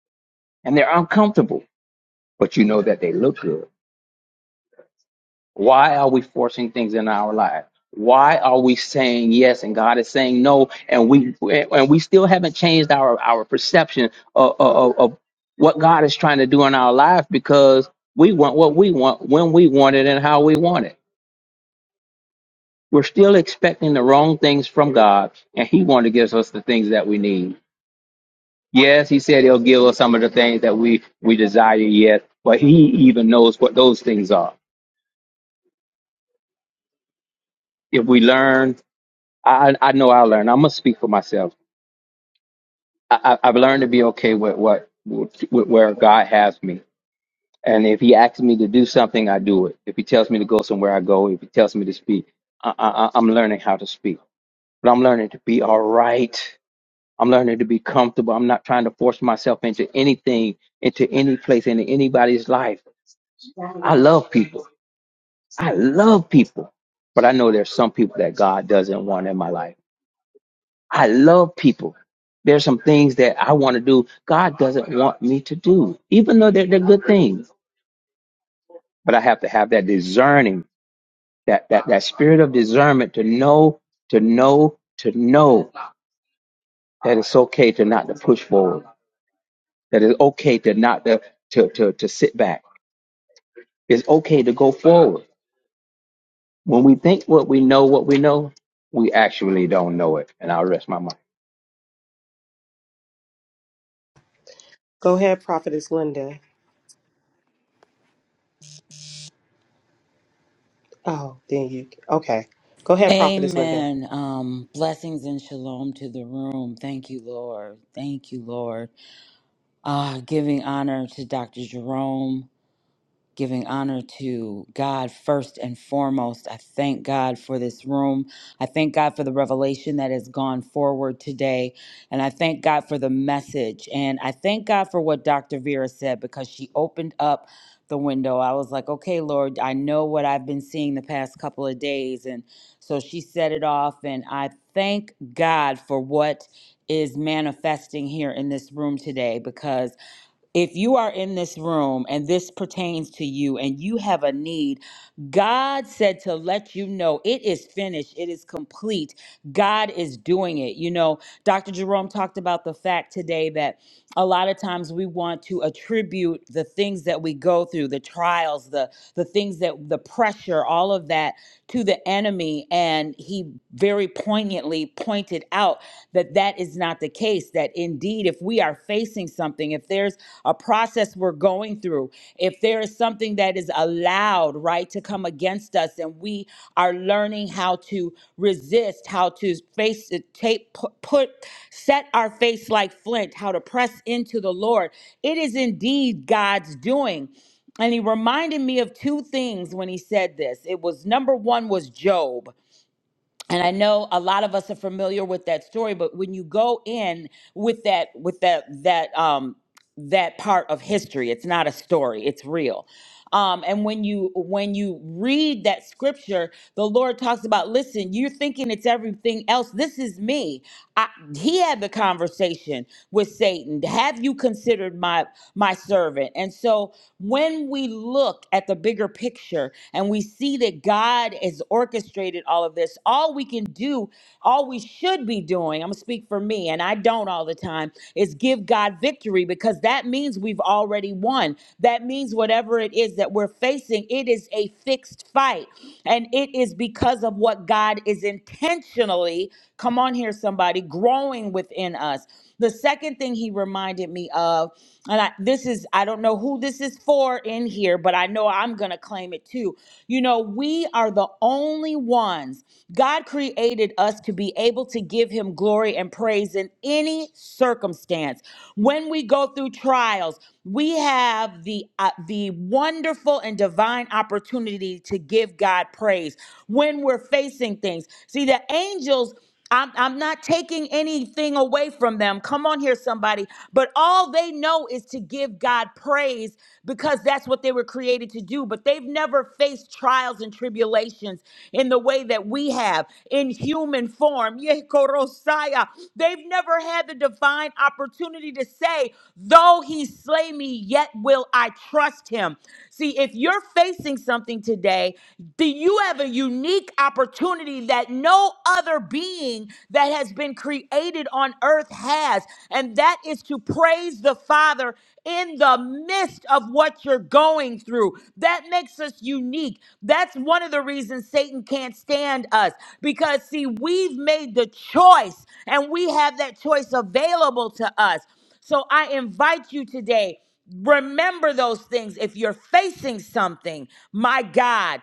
Speaker 11: and they're uncomfortable, but you know that they look good Why are we forcing things in our lives? Why are we saying yes and God is saying no, and we and we still haven't changed our our perception of, of, of what God is trying to do in our life because we want what we want when we want it and how we want it. We're still expecting the wrong things from God, and He wants to give us the things that we need. Yes, He said He'll give us some of the things that we we desire yet, but He even knows what those things are. If we learn I I I know I learned. I'm gonna speak for myself. I, I I've learned to be okay with what with where God has me. And if He asks me to do something, I do it. If He tells me to go somewhere, I go. If He tells me to speak, I, I I- I'm learning how to speak. But I'm learning to be all right. I'm learning to be comfortable. I'm not trying to force myself into anything, into any place, into anybody's life. I love people. I love people. But I know there's some people that God doesn't want in my life I love people. There's some things that I want to do. God doesn't want me to do, even though they're, they're good things. But I have to have that discerning, that, that, that spirit of discernment to know, to know, to know that it's okay to not to push forward, that it's okay to not to, to, to, to sit back. It's okay to go forward. When we think what we know, what we know, we actually don't know it. And I'll rest my mind.
Speaker 4: ahead, Prophetess Linda. Oh, then you. Okay. Go ahead, Prophetess Linda.
Speaker 12: Amen. Um, blessings and shalom to the room. Thank you, Lord. Thank you, Lord. Uh, giving honor to Dr. Jerome giving honor to God first and foremost. I thank God for this room. I thank God for the revelation that has gone forward today. And I thank God for the message. And I thank God for what Dr. Vera said because she opened up the window. I was like, okay, Lord, I know what I've been seeing the past couple of days. And so she set it off. And I thank God for what is manifesting here in this room today because if you are in this room and this pertains to you and you have a need, God said to let you know it is finished, it is complete. God is doing it. You know, Dr. Jerome talked about the fact today that a lot of times we want to attribute the things that we go through, the trials, the the things that the pressure, all of that to the enemy and he very poignantly pointed out that that is not the case that indeed if we are facing something if there's a process we're going through if there is something that is allowed right to come against us and we are learning how to resist how to face it take pu- put set our face like flint how to press into the lord it is indeed god's doing and he reminded me of two things when he said this it was number one was job and i know a lot of us are familiar with that story but when you go in with that with that that um that part of history. It's not a story. It's real. Um, and when you when you read that scripture, the Lord talks about, listen, you're thinking it's everything else. This is me. I, he had the conversation with Satan. Have you considered my my servant? And so when we look at the bigger picture and we see that God has orchestrated all of this, all we can do, all we should be doing, I'm gonna speak for me, and I don't all the time, is give God victory because that means we've already won. That means whatever it is that we're facing, it is a fixed fight. And it is because of what God is intentionally, come on here, somebody, growing within us. The second thing he reminded me of, and I, this is, I don't know who this is for in here, but I know I'm going to claim it too. You know, we are the only ones. God created us to be able to give him glory and praise in any circumstance. When we go through trials, we have the uh, the wonderful and divine opportunity to give God praise when we're facing things. See, the angels I'm, I'm not taking anything away from them. Come on here, somebody. But all they know is to give God praise because that's what they were created to do. But they've never faced trials and tribulations in the way that we have in human form. Yeh, korosaya. They've never had the divine opportunity to say, Though he slay me, yet will I trust him. See, if you're facing something today, do you have a unique opportunity? opportunity that no other being that has been created on earth has, and that is to praise the Father in the midst of what you're going through. That makes us unique. That's one of the reasons Satan can't stand us because, see, we've made the choice and we have that choice available to us. So I invite you today remember those things if you're facing something my god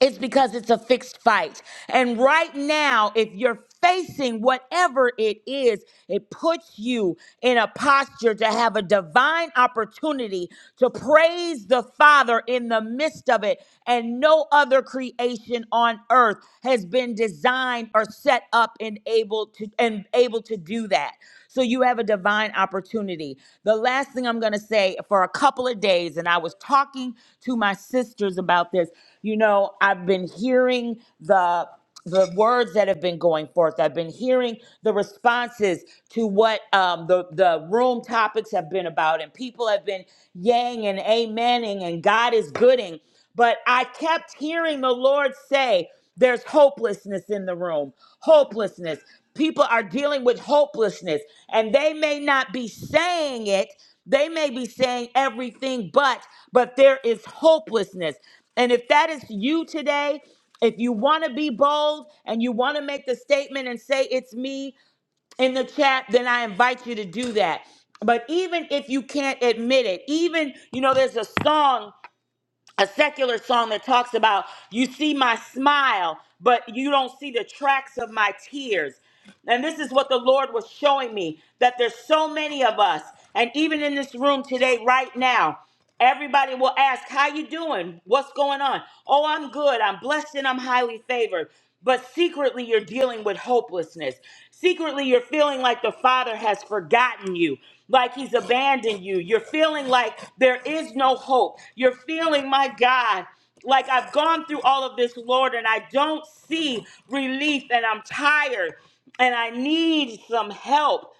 Speaker 12: it's because it's a fixed fight. And right now, if you're facing whatever it is, it puts you in a posture to have a divine opportunity to praise the Father in the midst of it. And no other creation on earth has been designed or set up and able to and able to do that. So so you have a divine opportunity. The last thing I'm going to say for a couple of days, and I was talking to my sisters about this. You know, I've been hearing the the words that have been going forth. I've been hearing the responses to what um, the the room topics have been about, and people have been yang and amening, and God is gooding. But I kept hearing the Lord say, there's hopelessness in the room. Hopelessness. People are dealing with hopelessness, and they may not be saying it. They may be saying everything but, but there is hopelessness. And if that is you today, if you want to be bold and you want to make the statement and say, it's me in the chat, then I invite you to do that. But even if you can't admit it, even, you know, there's a song a secular song that talks about you see my smile, but you don't see the tracks of my tears. And this is what the Lord was showing me that there's so many of us, and even in this room today, right now, everybody will ask, "How you doing? What's going on?" "Oh, I'm good. I'm blessed and I'm highly favored." But secretly, you're dealing with hopelessness. Secretly, you're feeling like the Father has forgotten you, like He's abandoned you. You're feeling like there is no hope. You're feeling, my God, like I've gone through all of this, Lord, and I don't see relief, and I'm tired, and I need some help.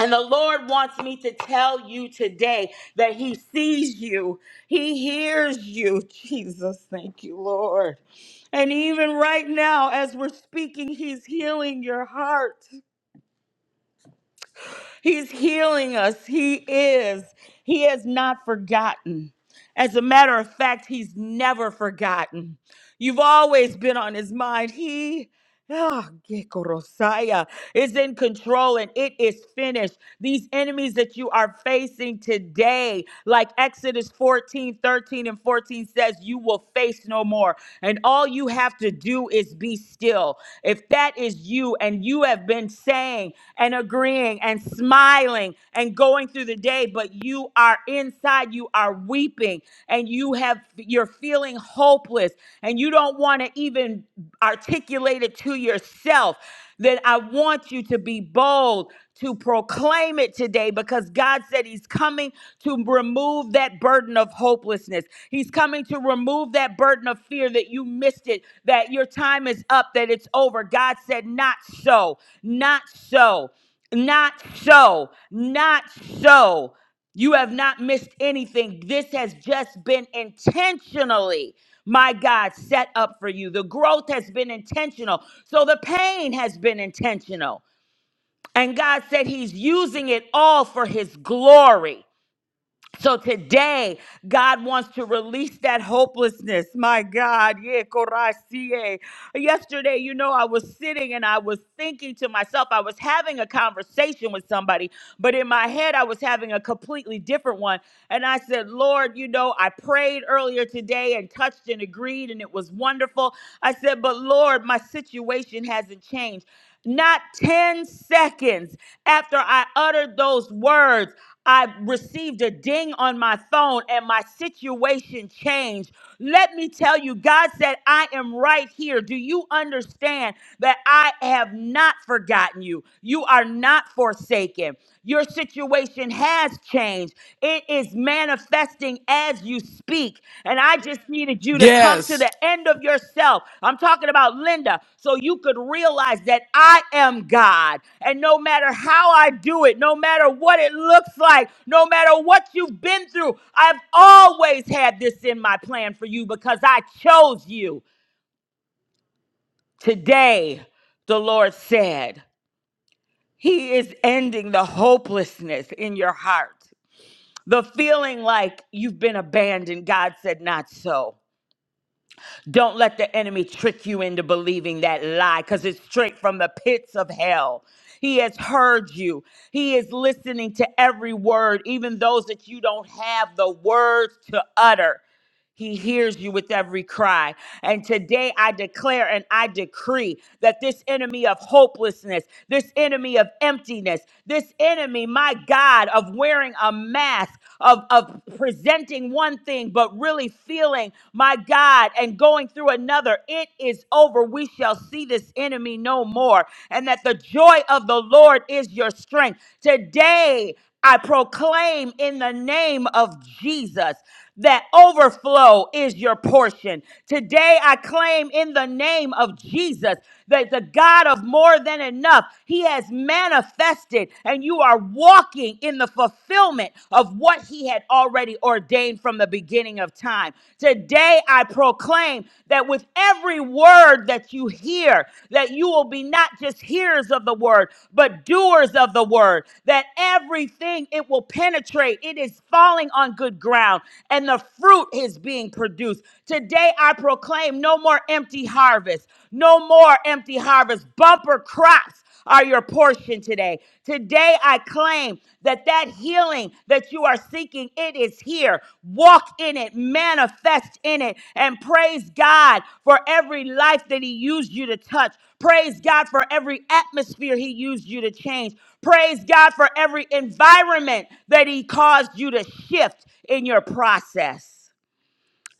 Speaker 12: And the Lord wants me to tell you today that He sees you, He hears you. Jesus, thank you, Lord. And even right now, as we're speaking, He's healing your heart. He's healing us. He is. He has not forgotten. As a matter of fact, he's never forgotten. You've always been on his mind. He Ah, Gekorosaya is in control and it is finished. These enemies that you are facing today, like Exodus 14, 13, and 14 says, you will face no more. And all you have to do is be still. If that is you and you have been saying and agreeing and smiling and going going through the day, but you are inside, you are weeping, and you have you're feeling hopeless, and you don't want to even articulate it to yourself, then I want you to be bold to proclaim it today because God said He's coming to remove that burden of hopelessness. He's coming to remove that burden of fear that you missed it, that your time is up, that it's over. God said, Not so, not so. Not so. Not so. You have not missed anything. This has just been intentionally, my God, set up for you. The growth has been intentional. So the pain has been intentional. And God said He's using it all for His glory. So today, God wants to release that hopelessness. My God. yeah, korasie. Yesterday, you know, I was sitting and I was thinking to myself, I was having a conversation with somebody, but in my head, I was having a completely different one. And I said, Lord, you know, I prayed earlier today and touched and agreed, and it was wonderful. I said, but Lord, my situation hasn't changed. Not 10 seconds after I uttered those words, I received a ding on my phone and my situation changed. Let me tell you, God said, I am right here. Do you understand that I have not forgotten you? You are not forsaken. Your situation has changed. It is manifesting as you speak. And I just needed you to come to
Speaker 1: Yes.
Speaker 12: the end of yourself. I'm talking about Linda, so you could realize that I am God. And no matter how I do it, no matter what it looks like, no matter what you've been through, I've always had this in my plan for you because I chose you. Today, the Lord said, He is ending the hopelessness in your heart. The feeling like you've been abandoned, God said, not so. Don't let the enemy trick you into believing that lie because it's straight from the pits of hell. He has heard you. He is listening to every word, even those that you don't have the words to utter. He hears you with every cry. And today I declare and I decree that this enemy of hopelessness, this enemy of emptiness, this enemy, my God, of wearing a mask, of, of presenting one thing, but really feeling, my God, and going through another, it is over. We shall see this enemy no more. And that the joy of the Lord is your strength. Today, I proclaim in the name of Jesus that overflow is your portion. Today, I claim in the name of Jesus that the God of more than enough, He has manifested, and you are walking in the fulfillment of what He had already ordained from the beginning of time. Today, I proclaim that with every word that you you hear, that you will be not just hearers of the word, but doers of the word, that everything it will penetrate, it is falling on good ground, and the fruit is being produced. Today I proclaim no more empty harvest, no more empty harvest, bumper crops are your portion today. Today I claim that that healing that you are seeking, it is here. Walk in it, manifest in it, and praise God for every life that he used you to touch. Praise God for every atmosphere he used you to change. Praise God for every environment that he caused you to shift in your process.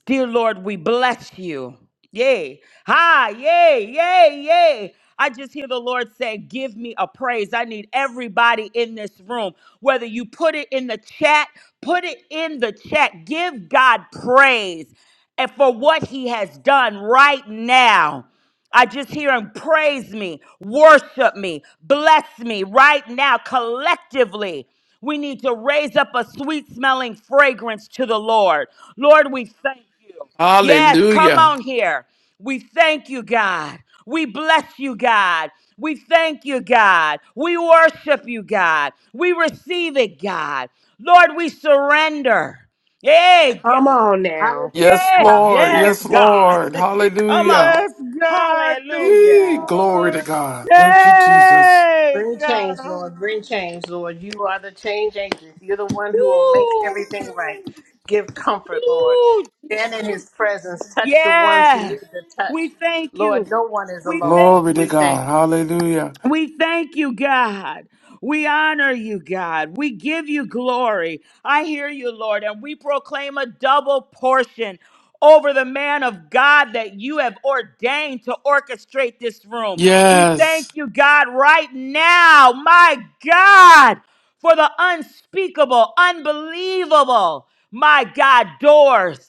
Speaker 12: Dear Lord, we bless you. Yay. Hi. Yay. Yay. Yay. I just hear the Lord say, Give me a praise. I need everybody in this room, whether you put it in the chat, put it in the chat. Give God praise and for what he has done right now. I just hear him praise me, worship me, bless me right now collectively. We need to raise up a sweet smelling fragrance to the Lord. Lord, we thank you. Yes, come
Speaker 1: Hallelujah.
Speaker 12: on here. We thank you, God. We bless you, God. We thank you, God. We worship you, God. We receive it, God. Lord, we surrender. Hey,
Speaker 4: Come
Speaker 12: God.
Speaker 4: on now.
Speaker 1: Yes,
Speaker 12: Hey.
Speaker 1: Lord.
Speaker 4: Yes,
Speaker 1: Yes,
Speaker 4: God.
Speaker 1: Lord.
Speaker 4: Come
Speaker 1: Hallelujah.
Speaker 4: on.
Speaker 12: Yes, God. Thank you,
Speaker 1: Yee.
Speaker 4: Hallelujah.
Speaker 1: Glory to
Speaker 12: Lord.
Speaker 1: God. Thank you, Jesus.
Speaker 12: Hey,
Speaker 2: Bring change,
Speaker 12: God.
Speaker 2: Lord. Bring change, Lord. You are the change agent. You're the one who will make
Speaker 12: Woo.
Speaker 2: everything right. Give comfort, Lord.
Speaker 12: Woo.
Speaker 2: Stand in his presence. Touch the ones who
Speaker 12: Yes.
Speaker 2: need the touch.
Speaker 12: We thank
Speaker 2: Lord,
Speaker 12: you.
Speaker 2: no one is
Speaker 12: We
Speaker 2: alone.
Speaker 12: thank
Speaker 1: Glory to
Speaker 12: you.
Speaker 2: We thank
Speaker 1: God. Hallelujah.
Speaker 12: We thank you, God. We honor you, God. We give you glory. I hear you, Lord, and we proclaim a double portion over the man of God that you have ordained to orchestrate this room. We thank
Speaker 1: Yes.
Speaker 12: you, God, right now, my God, for the unspeakable, unbelievable, my God, doors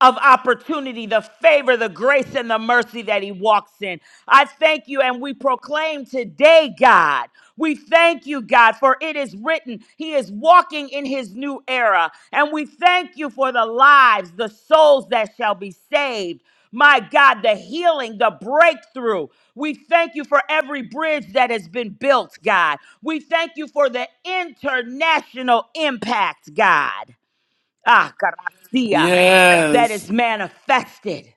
Speaker 12: of opportunity, the favor, the grace, and the mercy that he walks in. I thank you, and we proclaim today, God. We thank you, God, for it is written, He is walking in His new era. And we thank you for the lives, the souls that shall be saved. My God, the healing, the breakthrough. We thank you for every bridge that has been built, God. We thank you for the international impact, God ah, gracia, that is
Speaker 1: Yes.
Speaker 12: manifested.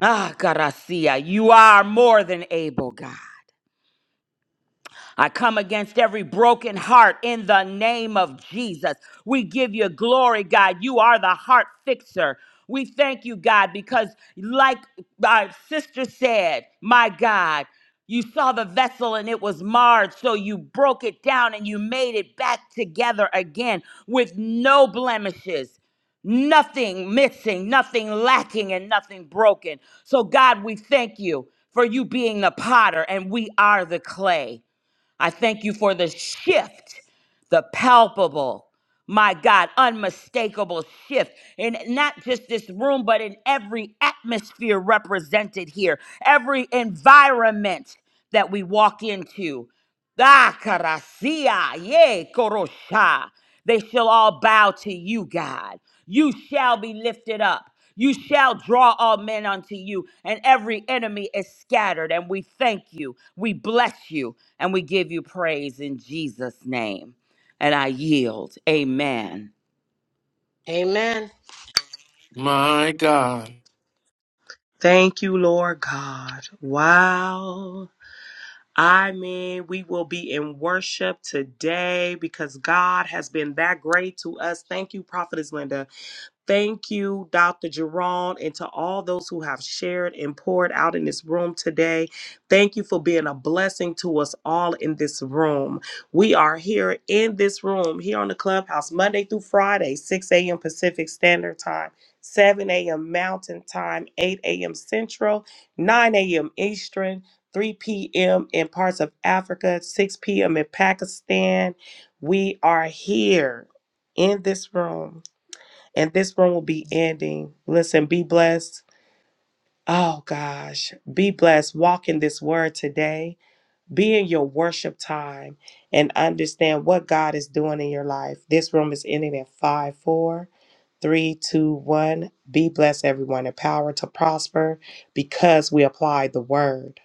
Speaker 12: Ah, gracia, you are more than able, God. I come against every broken heart in the name of Jesus. We give you glory, God. You are the heart fixer. We thank you, God, because like our sister said, my God, you saw the vessel and it was marred, so you broke it down and you made it back together again with no blemishes nothing missing, nothing lacking, and nothing broken. So, God, we thank you for you being the potter and we are the clay. I thank you for the shift, the palpable, my God, unmistakable shift in not just this room, but in every atmosphere represented here, every environment that we walk into. Ah, Karasia, ye Korosha. They shall all bow to you, God. You shall be lifted up. You shall draw all men unto you, and every enemy is scattered. And we thank you, we bless you, and we give you praise in Jesus' name. And I yield. Amen.
Speaker 2: you. Amen.
Speaker 1: My God.
Speaker 4: Thank you, Lord God. Wow. I mean, we will be in worship today because God has been that great to us. Thank you, Prophetess Linda. Thank you, Dr. Jerome, and to all those who have shared and poured out in this room today. Thank you for being a blessing to us all in this room. We are here in this room, here on the clubhouse, Monday through Friday, 6 a.m. Pacific Standard Time, 7 a.m. Mountain Time, 8 a.m. Central, 9 a.m. Eastern, 3 p.m. in parts of Africa, 6 p.m. in Pakistan. We are here in this room and this room will be ending. Listen, be blessed. Oh gosh, be blessed. Walk in this word today. Be in your worship time and understand what God is doing in your life. This room is ending in five, four, three, two, one. Be blessed, everyone. Empowered to prosper because we apply the word.